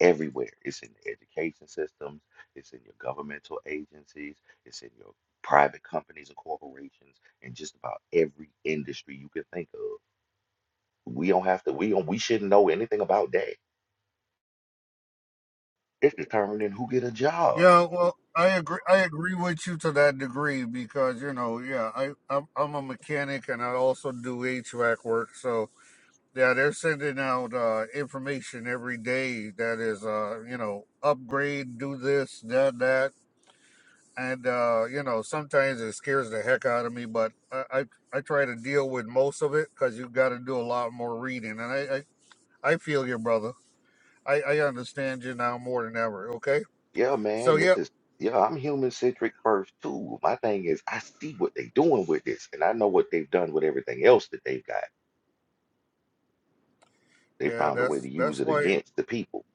S4: everywhere. It's in the education systems, it's in your governmental agencies, it's in your private companies and corporations, and just about every industry you can think of. We don't have to. We don't. We shouldn't know anything about that. It's determining who get a job.
S3: yeah, well, I agree I agree with you to that degree because, you know, yeah, I I'm, I'm a mechanic and I also do HVAC work. So, yeah, they're sending out uh information every day that is uh, you know, upgrade, do this, that that and uh, you know sometimes it scares the heck out of me but i i, I try to deal with most of it because you've got to do a lot more reading and i i, I feel you brother I, I understand you now more than ever okay
S4: Yeah,
S3: so
S4: man, this
S3: yep
S4: is yeah, I'm human centric first too. My thing is I see what they're doing with this and I know what they've done with everything else that they've got. They
S3: yeah
S4: found a way to
S3: that's
S4: use
S3: that's
S4: it
S3: why
S4: against the people.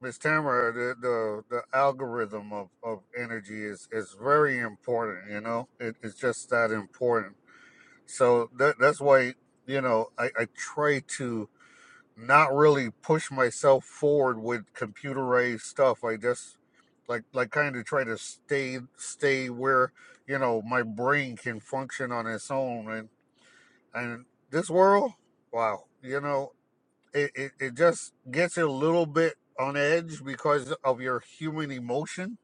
S3: miss tamara the, the the algorithm of of energy is is very important you know it, it's just that important so that that's why you know i i try to not really push myself forward with computerized stuff. I just like like kind of try to stay stay where you know my brain can function on its own. And and this world, wow, you know, it it, it just gets you a little bit on edge because of your human emotion,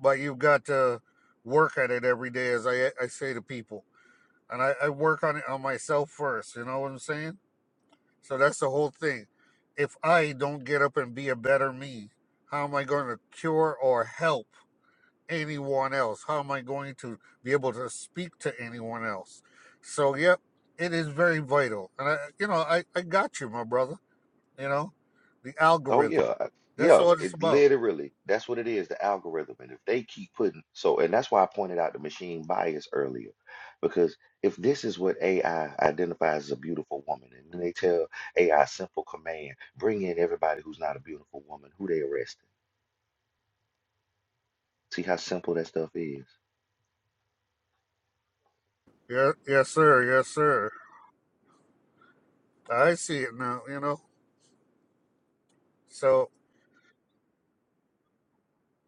S3: but you've got to work at it every day, as I I say to people. And I, I work on it on myself first. You know what I'm saying? So that's the whole thing. If I don't get up and be a better me, how am I going to cure or help anyone else? How am I going to be able to speak to anyone else? So, yep, it is very vital. And I, you know, I, I got you, my brother. You know, the
S4: Oh
S3: algorithm.
S4: yeah, I-
S3: That's
S4: yeah,
S3: all it's
S4: it
S3: about.
S4: literally that's what it is, the algorithm. And if they keep putting so and that's why I pointed out the machine bias earlier. Because if this is what AI identifies as a beautiful woman, and then they tell AI simple command, bring in everybody who's not a beautiful woman, who they arresting. See how simple that stuff is.
S3: Yeah, yes, sir. Yes, sir. I see it now, you know. So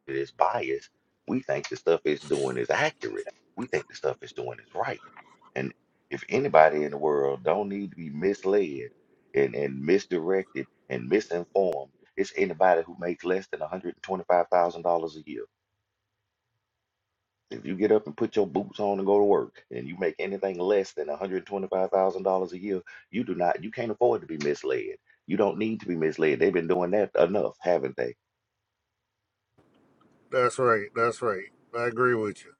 S4: it is biased, we think the stuff it's doing is accurate. We think the stuff it's doing is right. And if anybody in the world don't need to be misled and, and misdirected and misinformed, it's anybody who makes less than $125,000 a year. If you get up and put your boots on and go to work and you make anything less than $125,000 a year, you do not, you can't afford to be misled. You don't need to be misled. They've been doing that enough, haven't they?
S3: that's right. That's right. I agree with you.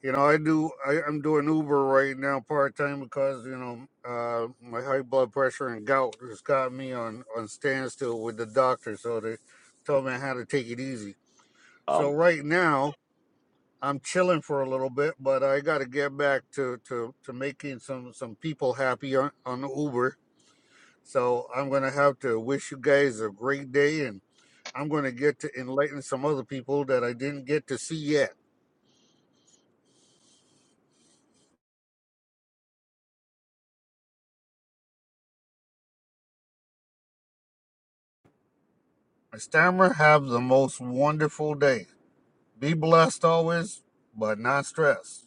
S3: You know, I do. I, I'm doing Uber right now part time because you know uh, my high blood pressure and gout has got me on on standstill with the doctor. So they told me I had to take it easy. So
S4: Um,
S3: right now I'm chilling for a little bit, but I got to get back to to to making some some people happy on on Uber. So I'm gonna have to wish you guys a great day, and I'm gonna get to enlighten some other people that I didn't get to see yet. Stammer, have the most wonderful day. Be blessed always, but not stressed.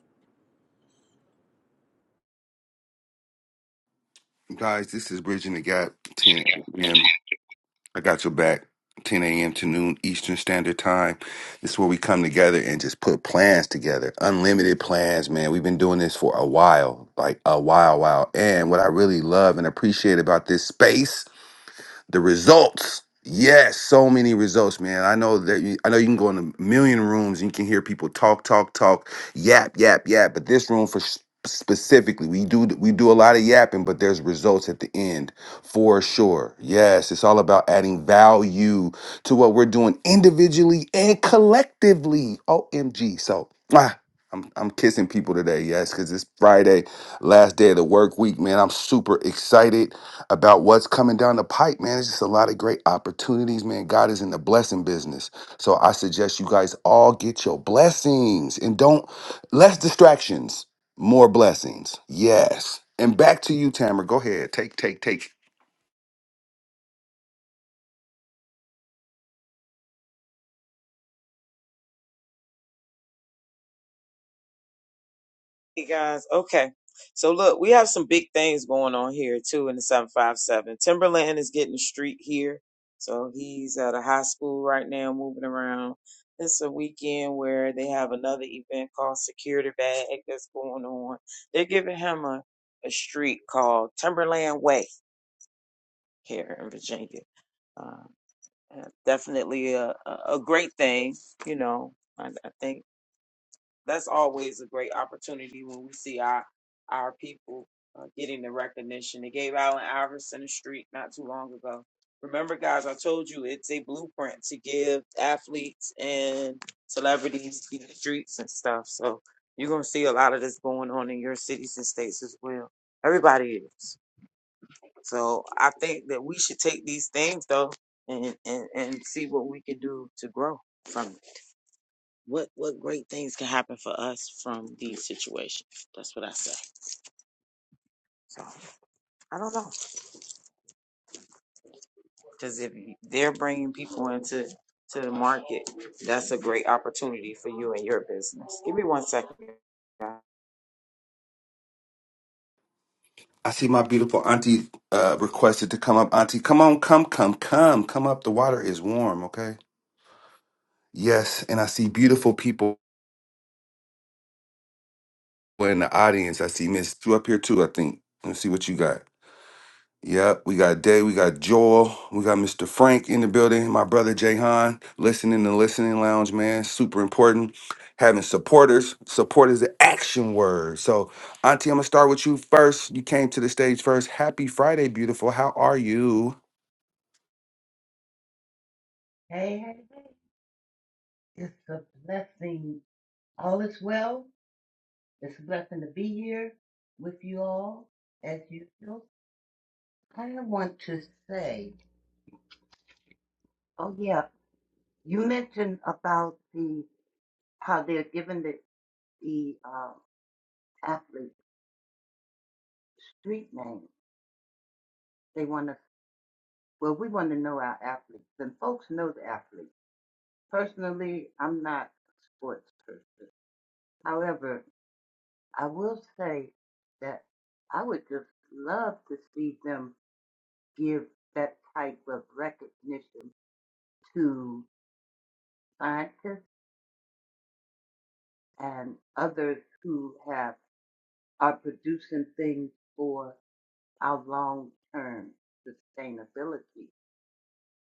S8: guys. This is bridging the gap. 10
S2: over.
S8: a.m. I got your back. 10 a.m. to noon Eastern Standard Time. This is where we come together and just put plans together. Unlimited plans, man. We've been doing this for a while, like a while, while. And what I really love and appreciate about this space the results. Yes, so many results, man. I know that you, I know you can go in a million rooms and you can hear people talk, talk, talk, yap, yap, yap. But this room for s- specifically, we do we do a lot of yapping, but there's results at the end for sure. Yes, it's all about adding value to what we're doing individually and collectively. OMG. So mwah, I'm I'm kissing people today, yes, because it's Friday, last day of the work week, man. I'm super excited about what's coming down the pipe, man. It's just a lot of great opportunities, man. God is in the blessing business. So I suggest you guys all get your blessings and don't less distractions, more blessings. Yes. And back to you, Tamara. Go ahead. Take, take, take.
S2: Hey guys, okay. So look, we have some big things going on here too in the 757. Timberland is getting the street here. So he's at a high school right now, moving around. It's a weekend where they have another event called Security Bag that's going on. They're giving him a, a street called Timberland Way here in Virginia. Uh, uh, definitely a, a a great thing, you know. I, I think that's always a great opportunity when we see our our people uh, getting the recognition. They gave Allen Iverson a streak not too long ago. Remember, guys, I told you it's a blueprint to give athletes and celebrities to the streets and stuff. So you're gonna see a lot of this going on in your cities and states as well. Everybody is. So I think that we should take these things though and and, and see what we can do to grow from it what what great things can happen for us from these situations. That's what I say. So I don't know because if they're bringing people into to the market, that's a great opportunity for you and your business. Give me one second. guys.
S8: I see my beautiful auntie uh, requested to come up. Auntie, come on, come, come, come, come up. The water is warm, okay? Yes. And I see beautiful people in the audience. I see Miss Sue up here too, I think. Let's see what you got. Yep, we got Day, we got Joel, we got Mr. Frank in the building, my brother Jayhan, listening to listening lounge, man. Super important. Having supporters. Support is the action word. So, Auntie, I'm gonna start with you first. You came to the stage first. Happy Friday, beautiful. How are you?
S9: Hey, hey, hey. It's a blessing. All is well. It's a blessing to be here with you all as usual. I want to say, oh yeah, you mentioned about the how they're giving the the uh, athletes street names. They want to well, we want to know our athletes, and folks know the athletes. Personally, I'm not a sports person. However, I will say that I would just love to see them give that type of recognition to scientists and others who have are producing things for our long term sustainability.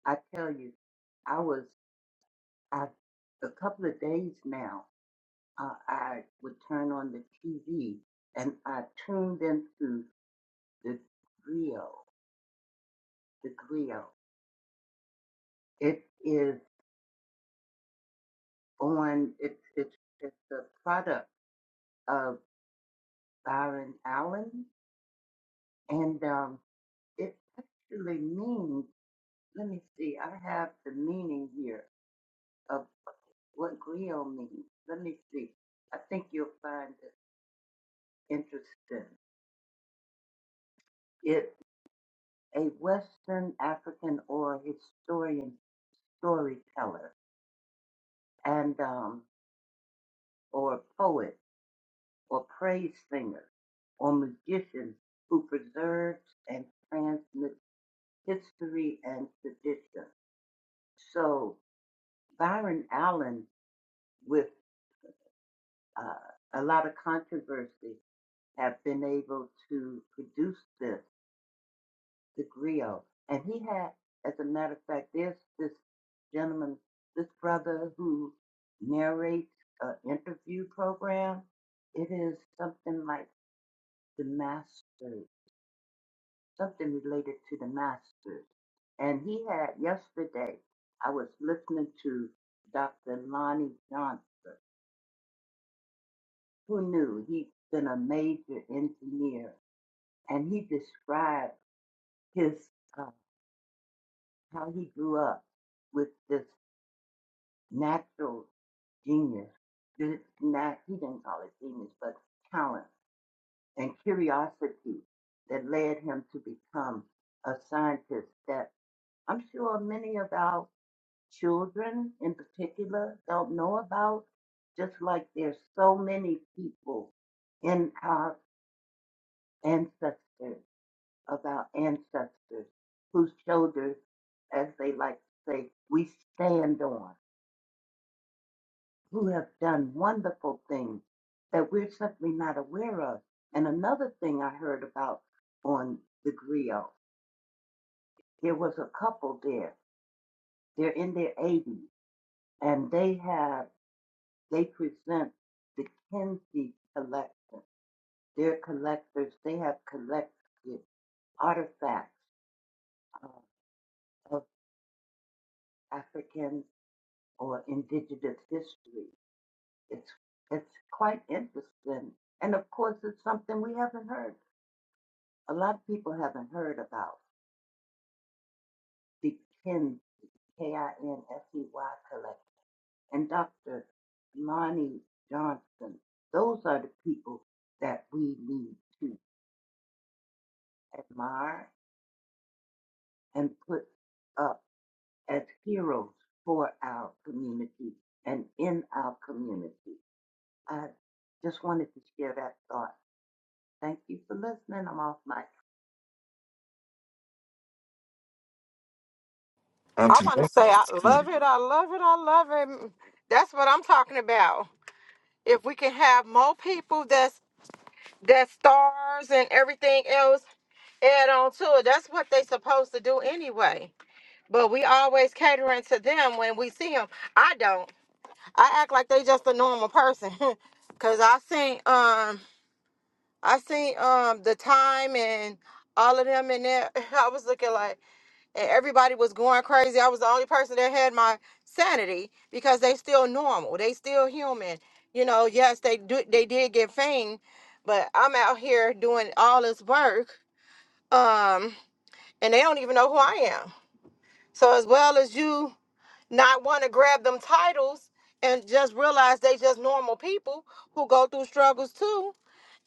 S9: I tell you, I was I, a couple of days now. Uh, I would turn on the TV and I tuned into the grill. The grill. It is on. It's it's it's a product of Byron Allen And um, it actually means, let me see, I have the meaning here of what griot means. Let me see. I think you'll find it interesting. It a Western African or historian storyteller and um, or poet or praise singer or magician who preserves and transmits history and tradition. So Byron Allen with uh, a lot of controversy have been able to produce this, the griot. And he had, as a matter of fact, there's this gentleman, this brother who narrates an interview program. It is something like the Masters, something related to the Masters. And he had, yesterday, I was listening to Dr. Lonnie Johnson. Who knew? he had been a major engineer and he described his uh, how he grew up with this natural genius. This not he didn't call it genius, but talent and curiosity that led him to become a scientist. That I'm sure many of our children, in particular, don't know about. Just like there's so many people in our ancestors of our ancestors whose shoulders, as they like to say, we stand on, who have done wonderful things that we're simply not aware of. And another thing I heard about on the griot, there was a couple there. They're in their 80s, and they have they present the Kinsey collection. They're collectors. They have collected artifacts uh, of African or indigenous history. It's it's quite interesting. And of course it's something we haven't heard. A lot of people haven't heard about the Kin K I N S E Y collection and Dr. Lonnie Johnson. Those are the people that we need to admire and put up as heroes for our community and in our community. I just wanted to share that thought. Thank you for listening. I'm off mic.
S6: I
S8: Auntie,
S6: want to say I
S8: welcome.
S6: love it. I love it. I love it. That's what I'm talking about. If we can have more people that's that stars and everything else add on to it, that's what they supposed to do anyway. But we always catering to them when we see them. I don't. I act like they just a normal person. Cause I seen um I seen um the time and all of them in there. I was looking like, and everybody was going crazy. I was the only person that had my sanity because they still normal. They still human. You know, yes, they do they did get fame, but I'm out here doing all this work. Um, and they don't even know who I am. So as well as you not want to grab them titles and just realize they just normal people who go through struggles too.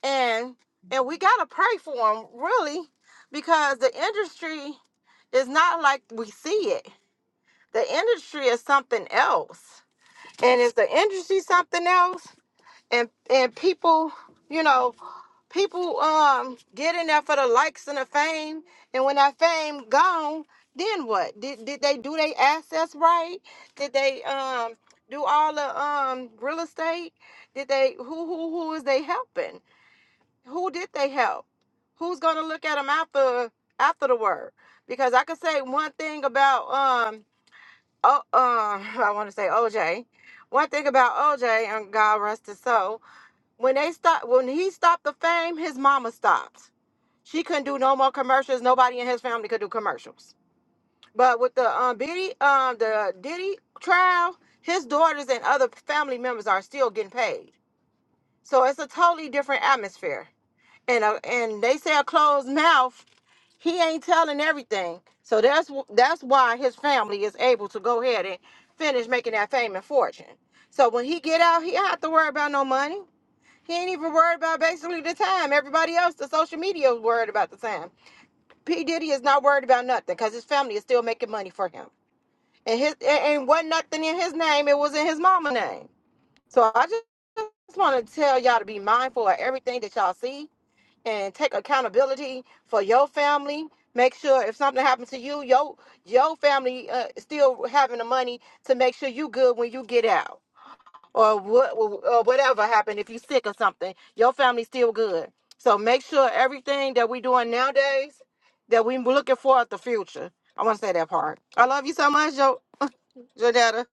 S6: And and we gotta pray for them, really, because the industry is not like we see it the industry is something else and is the industry something else and and people you know people um get in there for the likes and the fame and when that fame gone then what did, did they do their assets right did they um do all the um real estate did they who who who is they helping who did they help who's gonna look at them after after the word because i could say one thing about um oh, uh, I want to say OJ. One thing about OJ and God rest his soul, when they stop, when he stopped the fame, his mama stopped. She couldn't do no more commercials. Nobody in his family could do commercials. But with the um Biddy, um the Diddy trial, his daughters and other family members are still getting paid. So it's a totally different atmosphere. And uh, and they say a closed mouth he ain't telling everything. So that's wh- that's why his family is able to go ahead and finish making that fame and fortune. So when he get out, he don't have to worry about no money. He ain't even worried about basically the time. Everybody else, the social media is worried about the time. P Diddy is not worried about nothing because his family is still making money for him. And his and and wasn't nothing in his name. It was in his mama name. So I just just want to tell y'all to be mindful of everything that y'all see and take accountability for your family. Make sure if something happens to you, your your family uh, still having the money to make sure you good when you get out, or what or whatever happened if you sick or something, your family still good. So make sure everything that we doing nowadays that we looking for at the future. I want to say that part. I love you so much, Jo Jodetta.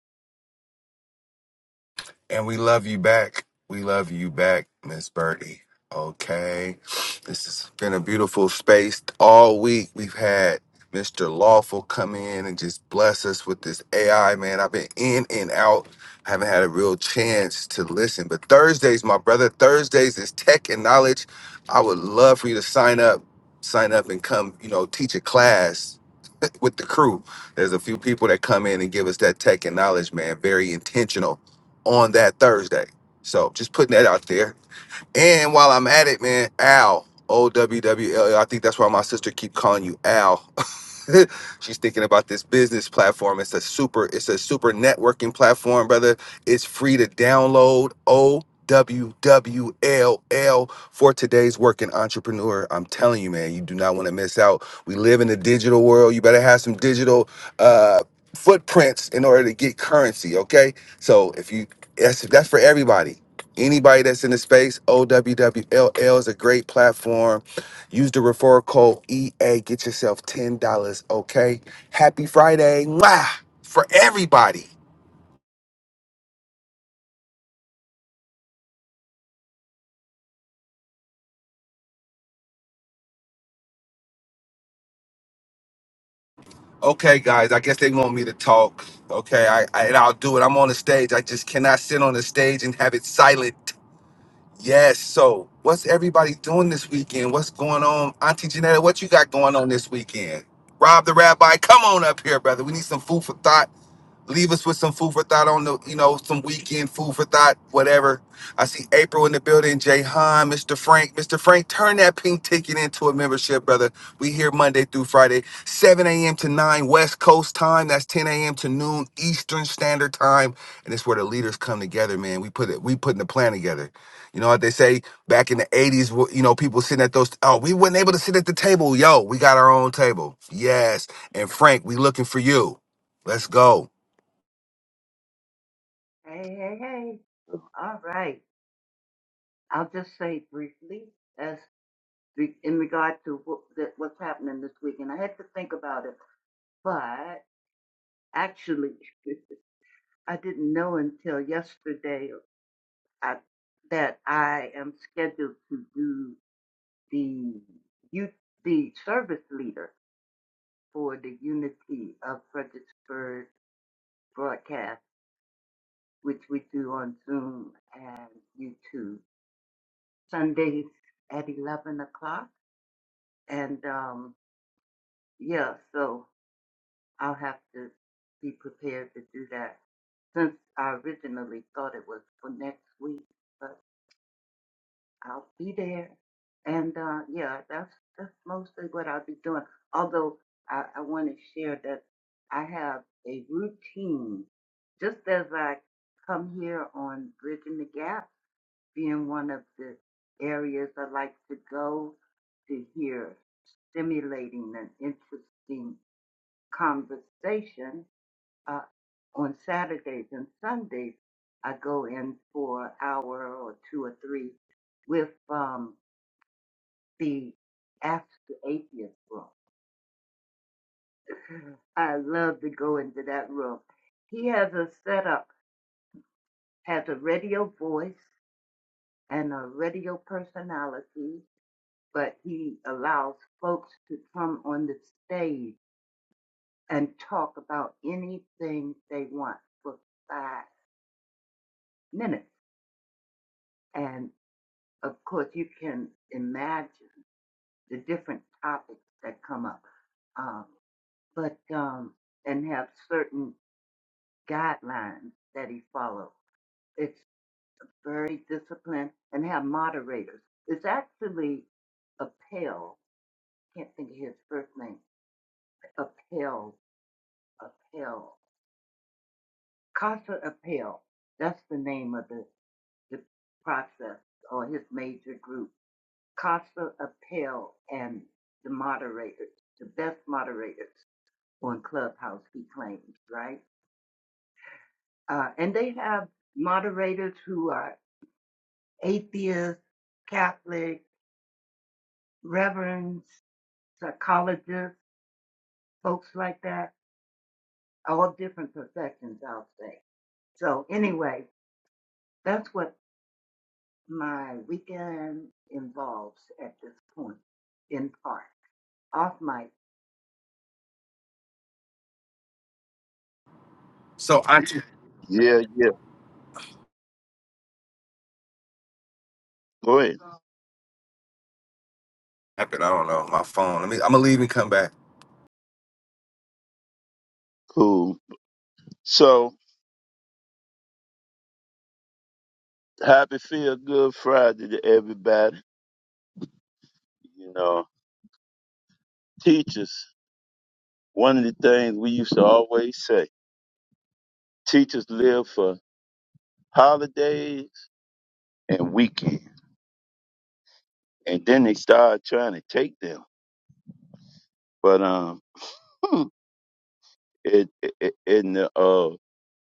S8: And we love you back. We love you back, Miss Birdie. Okay. This has been a beautiful space all week. We've had Mr. Lawful come in and just bless us with this AI, man. I've been in and out. I haven't had a real chance to listen. But Thursdays, my brother, Thursdays is tech and knowledge. I would love for you to sign up, sign up and come, you know, teach a class with the crew. There's a few people that come in and give us that tech and knowledge, man. Very intentional on that Thursday. So just putting that out there. And while I'm at it, man, Al O W W L. L, I think that's why my sister keep calling you Al She's thinking about this business platform. It's a super, it's a super networking platform, brother. It's free to download. O W W L L for today's working entrepreneur. I'm telling you, man, you do not want to miss out. We live in a digital world. You better have some digital uh, footprints in order to get currency. Okay, so if you that's that's for everybody. Anybody that's in the space, OWWLL is a great platform Use the referral code EA. Get yourself $10, okay? Happy Friday. Mwah! For everybody. Okay, guys, I guess they want me to talk. Okay, I, I and I'll do it. I'm on the stage. I just cannot sit on the stage and have it silent. Yes, so what's everybody doing this weekend? What's going on? Auntie Janetta, what you got going on this weekend? Rob the Rabbi, come on up here, brother. We need some food for thought leave us with some food for thought on the, you know, some weekend food for thought, whatever. I see April in the building, Jay Han, Mr. Frank. Mr. Frank, turn that pink ticket into a membership, brother. We here Monday through Friday, 7 a.m. to 9 West Coast time. That's 10 a.m. to noon Eastern Standard Time. And it's where the leaders come together, man. We put it, we putting the plan together. You know what they say back in the 80s, wh- you know, people sitting at those, oh, we weren't able to sit at the table. Yo, we got our own table. Yes. And Frank, we looking for you. Let's go.
S9: Hey, hey, hey. All right. I'll just say briefly as re- in regard to what, that, what's happening this weekend. I had to think about it, but actually, I didn't know until yesterday I, that I am scheduled to do the youth, the service leader for the Unity of Fredericksburg broadcast, which we do on Zoom and YouTube Sundays at 11 o'clock. And um, Yeah, so I'll have to be prepared to do that since I originally thought it was for next week, but I'll be there. And uh, yeah, that's that's mostly what I'll be doing. Although I, I want to share that I have a routine, just as I come here on Bridging the Gap, being one of the areas I like to go to hear stimulating and interesting conversation. Uh, on Saturdays and Sundays, I go in for an hour or two or three with um, the Ask the Atheist room. I love to go into that room. He has a setup, has a radio voice and a radio personality, but he allows folks to come on the stage and talk about anything they want for five minutes. and. of course, you can imagine the different topics that come up, um, but um, and have certain guidelines that he follows. It's very disciplined and have moderators. It's actually a Appel. Can't think of his first name. Appel. Appel. Casa Appel. That's the name of the, the process or his major group Costa Appel and the moderators, the best moderators on Clubhouse, he claims, right? Uh, and they have moderators who are atheists, Catholic, reverends, psychologists, folks like that, all different professions, I'll say. So, anyway, that's what my weekend involves at this point, in part. Off mic.
S8: So I
S10: Yeah, yeah. Go ahead.
S8: happen. I don't know my phone. Let me. I'm gonna leave and come back.
S10: Cool. So happy feel good Friday to everybody. You know, teachers, one of the things we used to always say, teachers live for holidays and weekends. And then they start trying to take them. But um hmm, it, it it- in the uh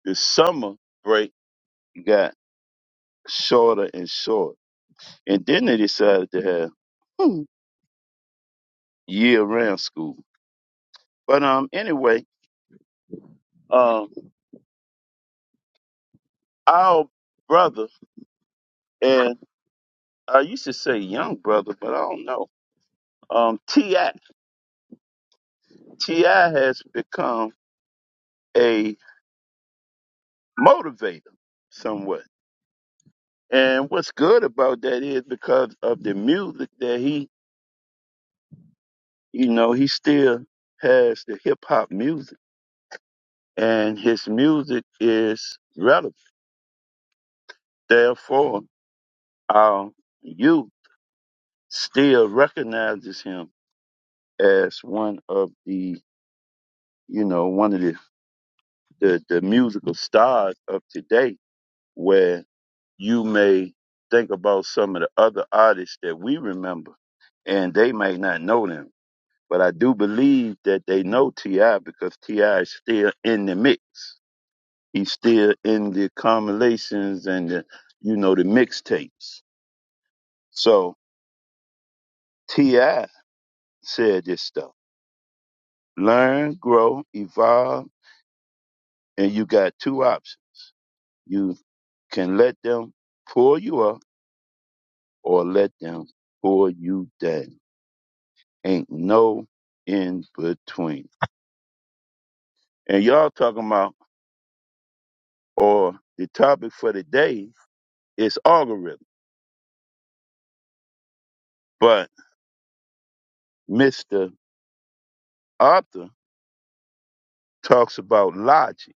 S10: the summer break got shorter and shorter. And then they decided to have hmm, year round school. But um anyway, um our brother, and I used to say young brother, but I don't know. Um, Ti Ti has become a motivator somewhat, and what's good about that is because of the music that he, you know, he still has the hip hop music, and his music is relevant. Therefore, our youth still recognizes him as one of the, you know, one of the the, the musical stars of today where you may think about some of the other artists that we remember and they may not know them. But I do believe that they know T.I. because T.I. is still in the mix. He's still in the compilations and the, you know, the mixtapes. So T.I. said this stuff. Learn, grow, evolve, and you got two options. You can let them pull you up or let them pull you down. Ain't no in between. And y'all talking about, or the topic for today is algorithm, but Mr. Arthur talks about logic,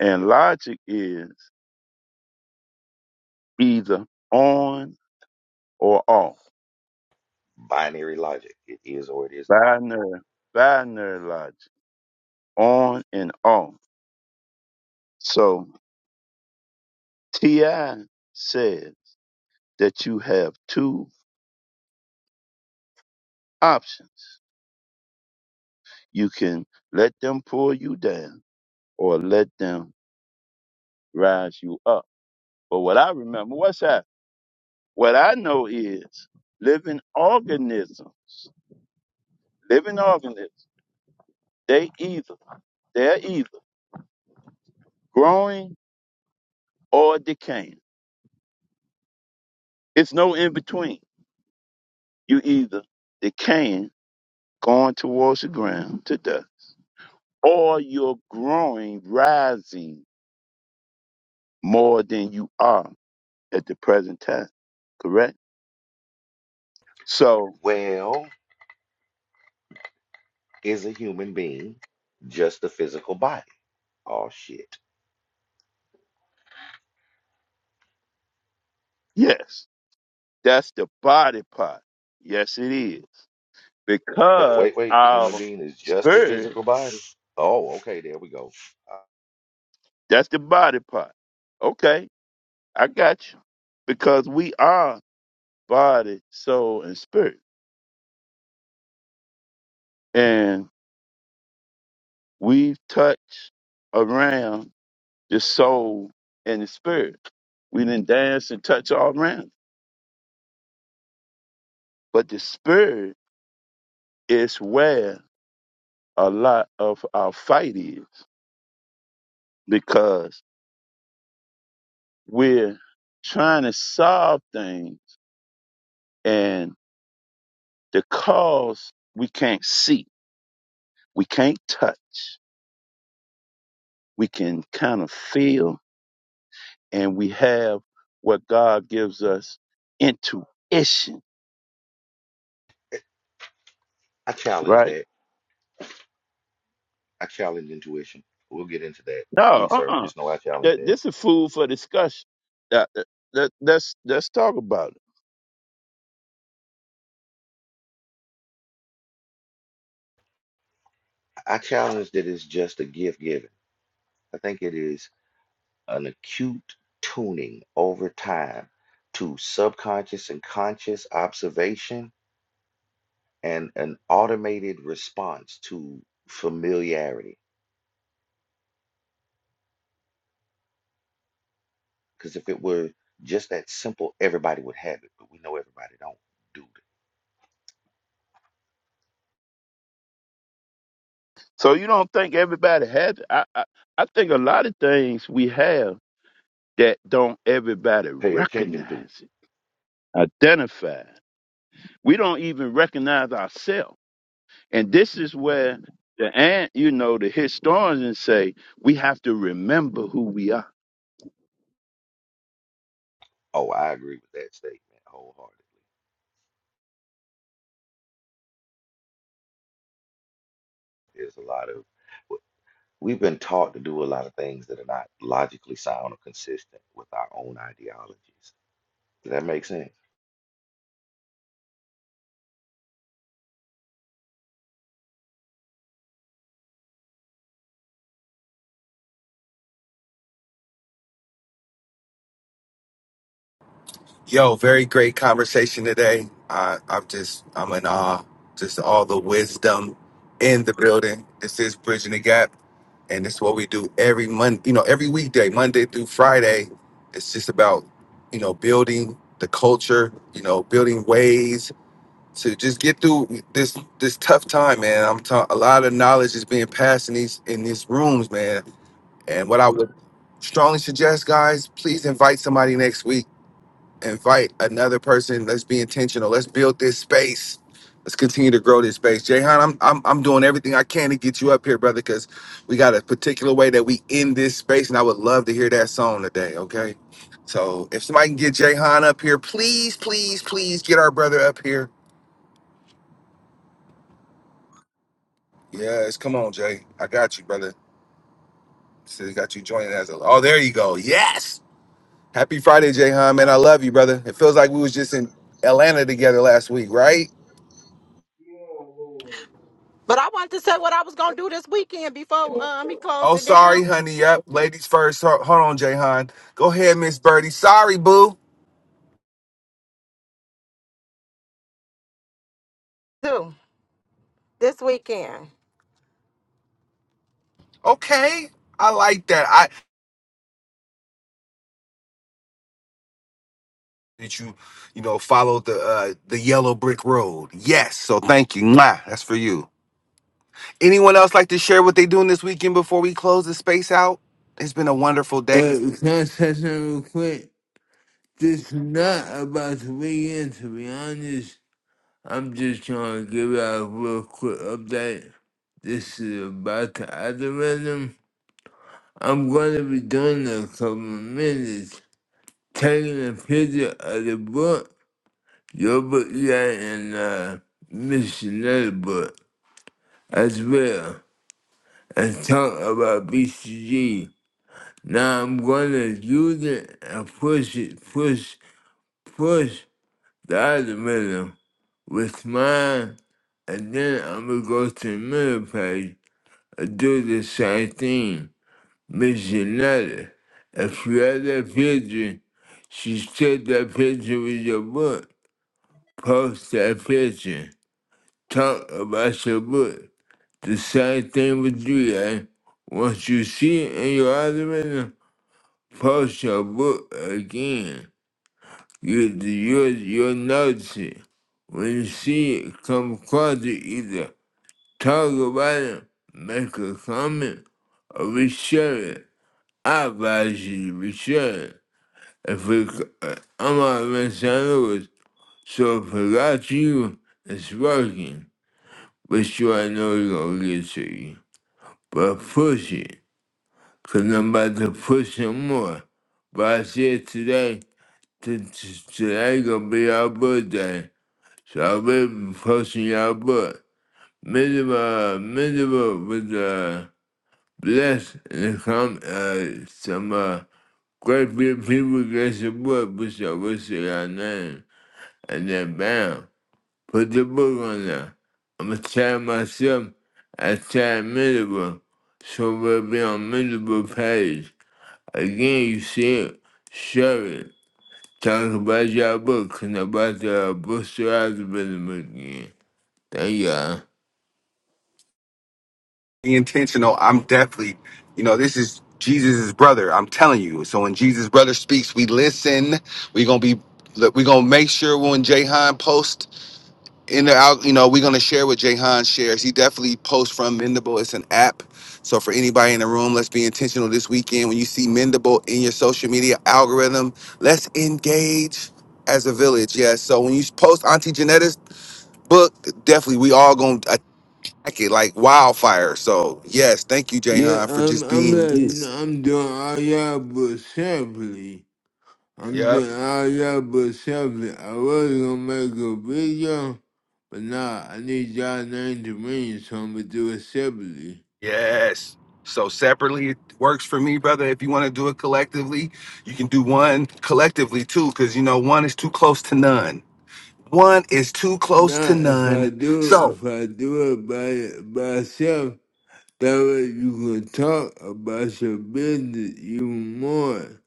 S10: and logic is either on or off,
S4: binary logic. It is or it is not
S10: binary, binary logic, on and off. So Ti says that you have two options You can let them pull you down or let them rise you up. But what I remember, what's that? What I know is living organisms, living organisms, they either, they're either growing or decaying. It's no in between. You either decaying, going towards the ground to death, or you're growing, rising more than you are at the present time. Correct? So,
S4: Well is a human being just a physical body. Oh shit.
S10: yes. That's the body part. Yes, it is.
S4: Uh,
S10: Because
S4: Wait, wait, the human
S10: our
S4: being is just a
S10: spirit,
S4: physical body. Oh, okay, there we go. Uh,
S10: that's the body part. Okay, I got you. Because we are body, soul, and spirit. And we touch around the soul and the spirit. We didn't dance and touch all around. it. But the spirit is where a lot of our fight is because we're trying to solve things. And because we can't see, we can't touch, we can kind of feel, and we have what God gives us intuition,
S4: I challenge
S10: right?
S4: that. I challenge intuition. We'll get into that.
S10: No,
S4: Please,
S10: uh
S4: sir,
S10: uh
S4: just know I challenge
S10: That,
S4: that.
S10: this is food for discussion. That, that, that- let's, let's talk about it.
S4: I challenge that it's just a gift given. I think it is an acute tuning over time to subconscious and conscious observation and an automated response to familiarity Because if it were just that simple, everybody would have it, but we know everybody don't do it.
S10: So, you don't think everybody has it? I, I, I think a lot of things we have that don't everybody
S4: Pay
S10: recognize
S4: attention to.
S10: it, identify. We don't even recognize ourselves And this is where the and you know the historians say we have to remember who we are.
S4: Oh, I agree with that statement wholeheartedly. There's a lot of, w- we've been taught to do a lot of things that are not logically sound or consistent with our own ideologies. Does that make sense?
S8: Yo, very great conversation today. I I'm just I'm in awe. Just all the wisdom in the building. This is bridging the gap, and this is what we do every Monday. You know, every weekday, Monday through Friday. It's just about you know building the culture. You know, building ways to just get through this this tough time, man. I'm talking. A lot of knowledge is being passed in these in these rooms, man And what I would strongly suggest, guys, please invite somebody next week. Invite another person. Let's be intentional. Let's build this space. Let's continue to grow this space. Jayhan, I'm, I'm I'm doing everything I can to get you up here, brother, because we got a particular way that we end this space, and I would love to hear that song today. Okay, so if somebody can get Jayhan up here, please, please, please get our brother up here. Yes, come on, Jay. I got you, brother. So got you joining as a. Oh, there you go. Yes. Happy Friday, Jayhan, man. I love you, brother. It feels like we was just in Atlanta together last week, right?
S6: But I wanted to say what I was gonna do this weekend before um, he closed
S8: Oh,
S6: it down
S8: sorry, honey. Yep. Ladies first. Ho- Hold on, Jayhan. Go ahead, Miss Birdie. Sorry, boo.
S6: too. This weekend.
S8: Okay. I like that. I that you, you know, followed the uh the yellow brick road. Yes. So thank you. Mwah. That's for you. Anyone else like to share what they doing this weekend before we close the space out? It's been a wonderful day.
S1: Uh, can I say something real quick? This is not about the weekend, to be honest. I'm just trying to give out a real quick update. This is about the algorithm. I'm going to be doing it in a couple of minutes. Taking a picture of the book, your book, yeah, and uh, missionary book as well, and talk about BCG. Now I'm going to use it and push it, push, push. the other middle with mine, and then I'm gonna go to the middle page and do the same thing. Miss Janetta, if you have that picture, she said that picture with your book. Post that picture. Talk about your book. The same thing with you, eh? Once you see it in your other middle, post your book again. You you you'll notice it. When you see it come across you either talk about it, make a comment, or we share it. I advise you to reshare it. If we, uh, I'm out of Los Angeles, so if I got you, it's working. Which you I know is gonna get to you. But push it, cause I'm about to push it more. But I said today, t- t- today gonna be our birthday. Salvation crushing your butt. Miserable, miserable with uh, blessed and come uh, some uh, great big people get your book, but your wish your name. And then bam, put the book on there. I'm going to tag myself as tag miserable. So we'll be on miserable page. Again, you see it, share it. Talk about your book, and about the booster algorithm again. Thank you.
S8: be intentional. I'm definitely, you know, this is Jesus' brother. I'm telling you. So when Jesus' brother speaks, we listen. We're gonna be we're gonna make sure when Jahan posts in the out, you know, we're gonna share what Jahan shares. He definitely posts from Mendable. It's an app. So for anybody in the room, let's be intentional this weekend. When you see Mendable in your social media algorithm, let's engage as a village. Yes. So when you post Auntie Janetta's book, definitely we all gonna like it like wildfire. So yes, thank you,
S1: Yeah,
S8: Jahan, for
S1: I'm
S8: just
S1: I'm
S8: being you.
S1: letting I'm doing all y'all but separately. I'm
S8: Yep.
S1: doing all y'all but separately. I was gonna make a video, but nah, I need y'all name to ring, so I'm gonna do it separately.
S8: Yes. So separately it works for me, brother. If you want to do it collectively, you can do one collectively too, because you know one is too close to none. One is too close
S1: Nah,
S8: to
S1: if I
S8: none.
S1: do
S8: So
S1: if I do it by by self, that way you can talk about your business even more.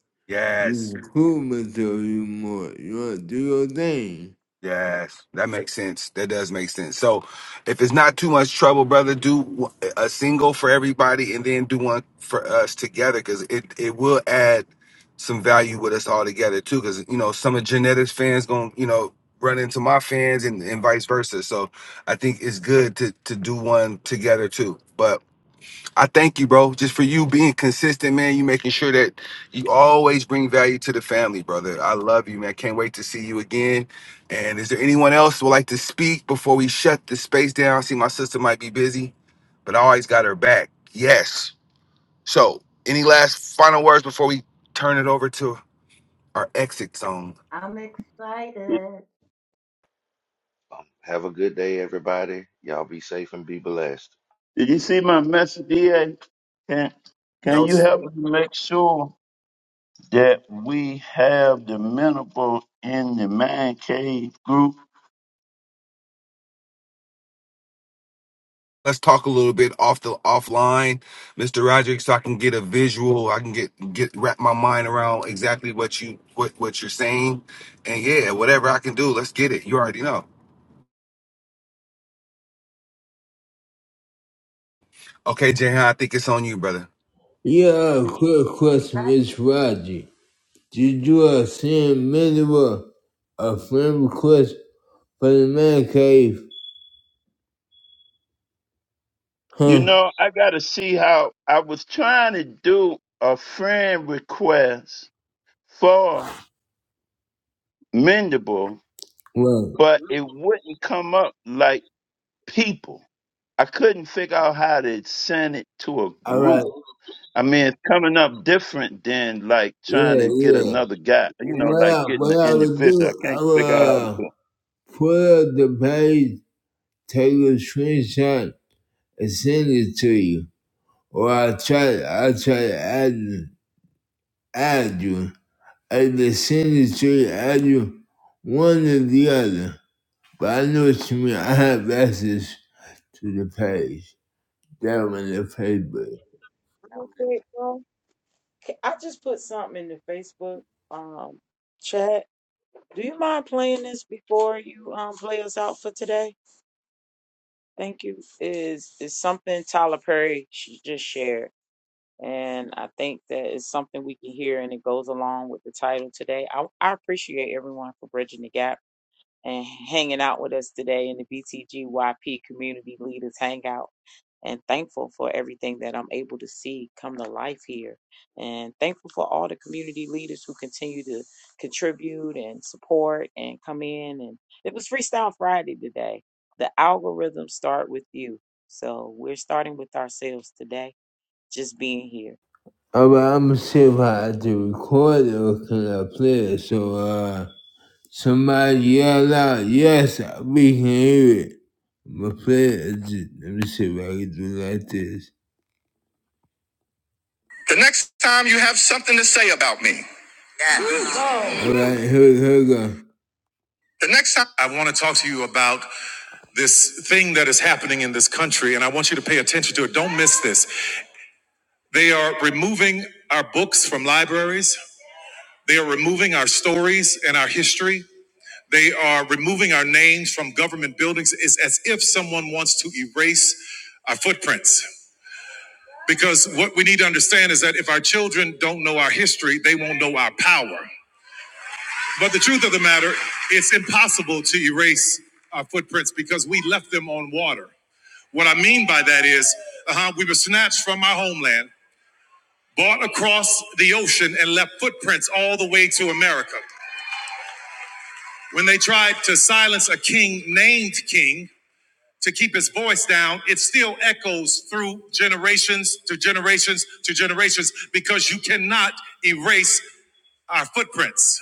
S1: You
S8: yes.
S1: can cool myself even more. You wanna do your thing.
S8: Yes, that makes sense. That does make sense. So, if it's not too much trouble, brother, do w- a single for everybody, and then do one for us together, because it it will add some value with us all together too. Because you know, some of genetics fans gonna you know run into my fans, and, and vice versa. So, I think it's good to to do one together too. But I thank you, bro, just for you being consistent, man. You making sure that you always bring value to the family, brother. I love you, man. Can't wait to see you again. And is there anyone else who would like to speak before we shut the space down? I see my sister might be busy, but I always got her back. Yes. So, any last final words before we turn it over to our exit zone?
S9: I'm excited.
S4: Um, have a good day, everybody. Y'all be safe and be blessed.
S10: Did you see my message, DA? Can can
S8: No.
S10: you help me make sure that we have the mineral in the man cave group?
S8: let's talk a little bit off the offline, Mr. Roderick, so I can get a visual. I can get get wrap my mind around exactly what you what what you're saying, and yeah, whatever I can do, let's get it. You already know. Okay, Jahan, I think it's on you, brother.
S1: Yeah, quick question, Miss Roger. Did you uh, send me with a friend request for the man cave?
S10: You
S1: Huh?
S10: know, I gotta see how I was trying to do a friend request for Mendable,
S1: Well,
S10: but it wouldn't come up like people. I couldn't figure out how to send it to a
S1: alright,
S10: group. I mean, it's coming up different than like trying
S1: yeah,
S10: to get
S1: yeah.
S10: another guy, you know,
S1: What
S10: like
S1: I,
S10: getting an
S1: what I would
S10: individual. I
S1: do,
S10: can't
S1: I would
S10: figure out how to do
S1: uh,
S10: it.
S1: pull up the page, take a screenshot, and send it to you. Or I try, I try to add, add you. I just send it to you, add you, one or the other. But I know what you mean. I have access to the page. down in the paper.
S2: Real quick, bro. K- I just put something in the Facebook um chat. Do you mind playing this before you um play us out for today? Thank you. Is is something Tyler Perry sh- just shared? And I think that is something we can hear, and it goes along with the title today. I, I appreciate everyone for bridging the gap and hanging out with us today in the BTGYP Community Leaders Hangout. And thankful for everything that I'm able to see come to life here. And thankful for all the community leaders who continue to contribute and support and come in. And it was Freestyle Friday today. The algorithms start with you. So we're starting with ourselves today, just being here.
S1: But I'm gonna see if I have to record it or can I play it? So, uh, somebody yell out, yes, we can hear it. I'm gonna play it. just- Let me see if I can do it like this. The next time you have something to say about me. Alright, here, here we go. The next time. I wanna talk to you about this thing that is happening in this country, and I want you to pay attention to it. Don't miss this. They are removing our books from libraries. They are removing our stories and our history. They are removing our names from government buildings. It's as if someone wants to erase our footprints. Because what we need to understand is that if our children don't know our history, they won't know our power. But the truth of the matter, it's impossible to erase our footprints because we left them on water. What I mean by that is, uh, we were snatched from our homeland, brought across the ocean, and left footprints all the way to America. When they tried to silence a king named King to keep his voice down, it still echoes through generations to generations to generations because you cannot erase our footprints.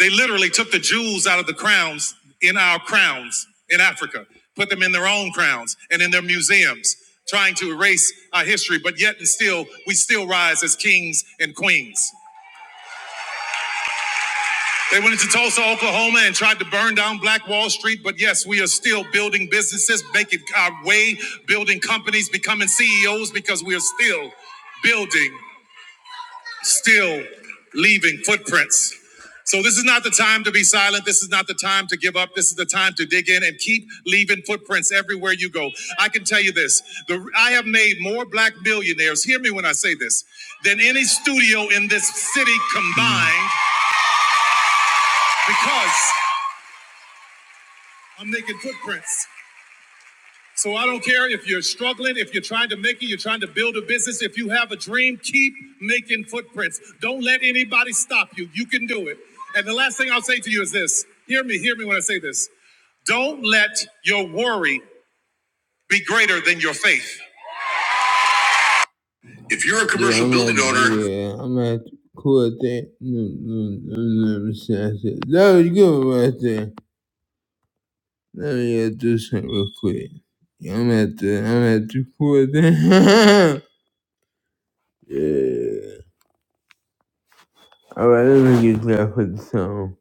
S1: They literally took the jewels out of the crowns in our crowns in Africa, put them in their own crowns and in their museums, trying to erase our history, but yet and still, we still rise as kings and queens. They went into Tulsa, Oklahoma, and tried to burn down Black Wall Street. But yes, we are still building businesses, making our way, building companies, becoming CEOs because we are still building, still leaving footprints. So this is not the time to be silent. This is not the time to give up. This is the time to dig in and keep leaving footprints everywhere you go. I can tell you this: the, I have made more black millionaires. Hear me when I say this than any studio in this city combined, because. I'm making footprints, so I don't care if you're struggling, if you're trying to make it, you're trying to build a business. If you have a dream, keep making footprints. Don't let anybody stop you. You can do it. And the last thing I'll say to you is this: Hear me, hear me when I say this. Don't let your worry be greater than your faith. If you're a commercial yeah, building at, owner, yeah, I'm at cool thing. No, you're good at that. was good right there. Let me get this shit real quick. Yeah, I'm at the I'm at the pool down. yeah. Alright, let me get that for the song.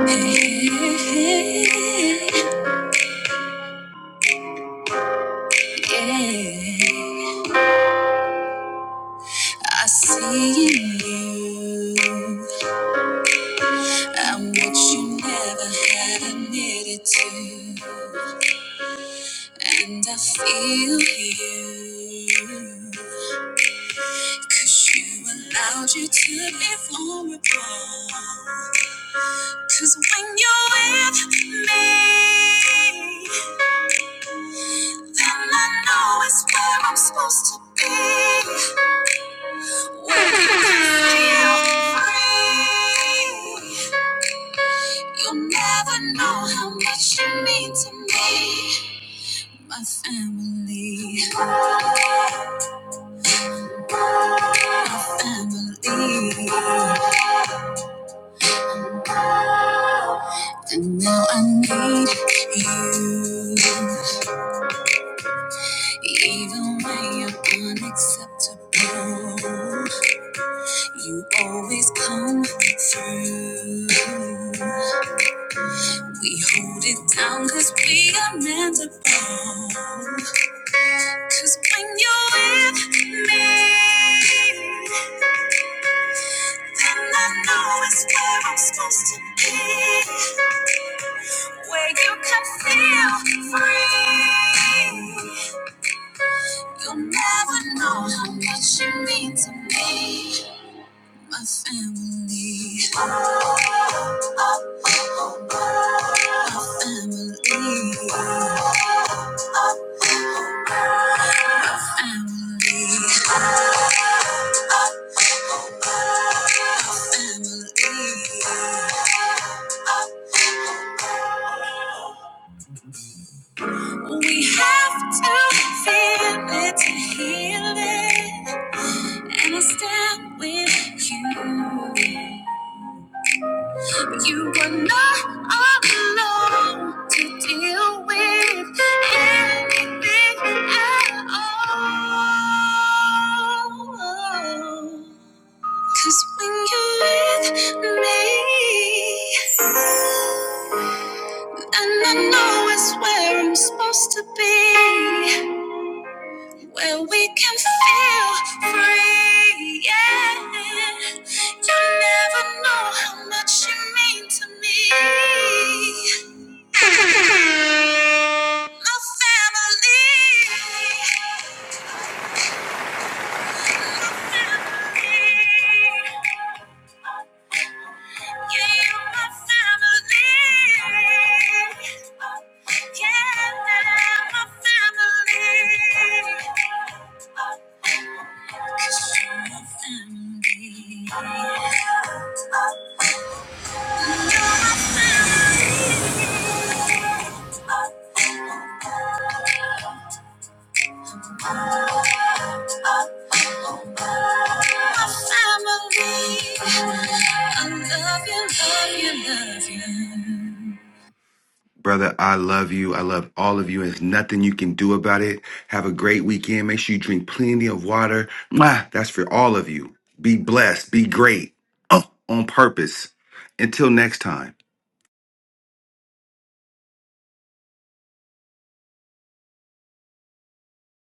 S1: Yeah, I see in you. I'm what you never had admitted to. And I feel you. Cause you allowed you to be vulnerable. Cause when you're with me, then I know it's where I'm supposed to be. I believe you, even when you're unacceptable. You always come through. We hold it down 'cause we are meant to bond. 'Cause when you're with me, And I know it's where I'm supposed to be. Where you can feel free. You'll never know how much you mean to me. My family. My family. Family. Family. We have to feel it to heal it. And I stand with you. You are not alone to deal with anything at all. Cause when we can feel free, we never know. I love you, love you, love you.
S8: Brother, I love you. I love all of you. and There's nothing you can do about it. Have a great weekend. Make sure you drink plenty of water. Mwah, that's for all of you. Be blessed. Be great. Oh, on purpose. Until next time.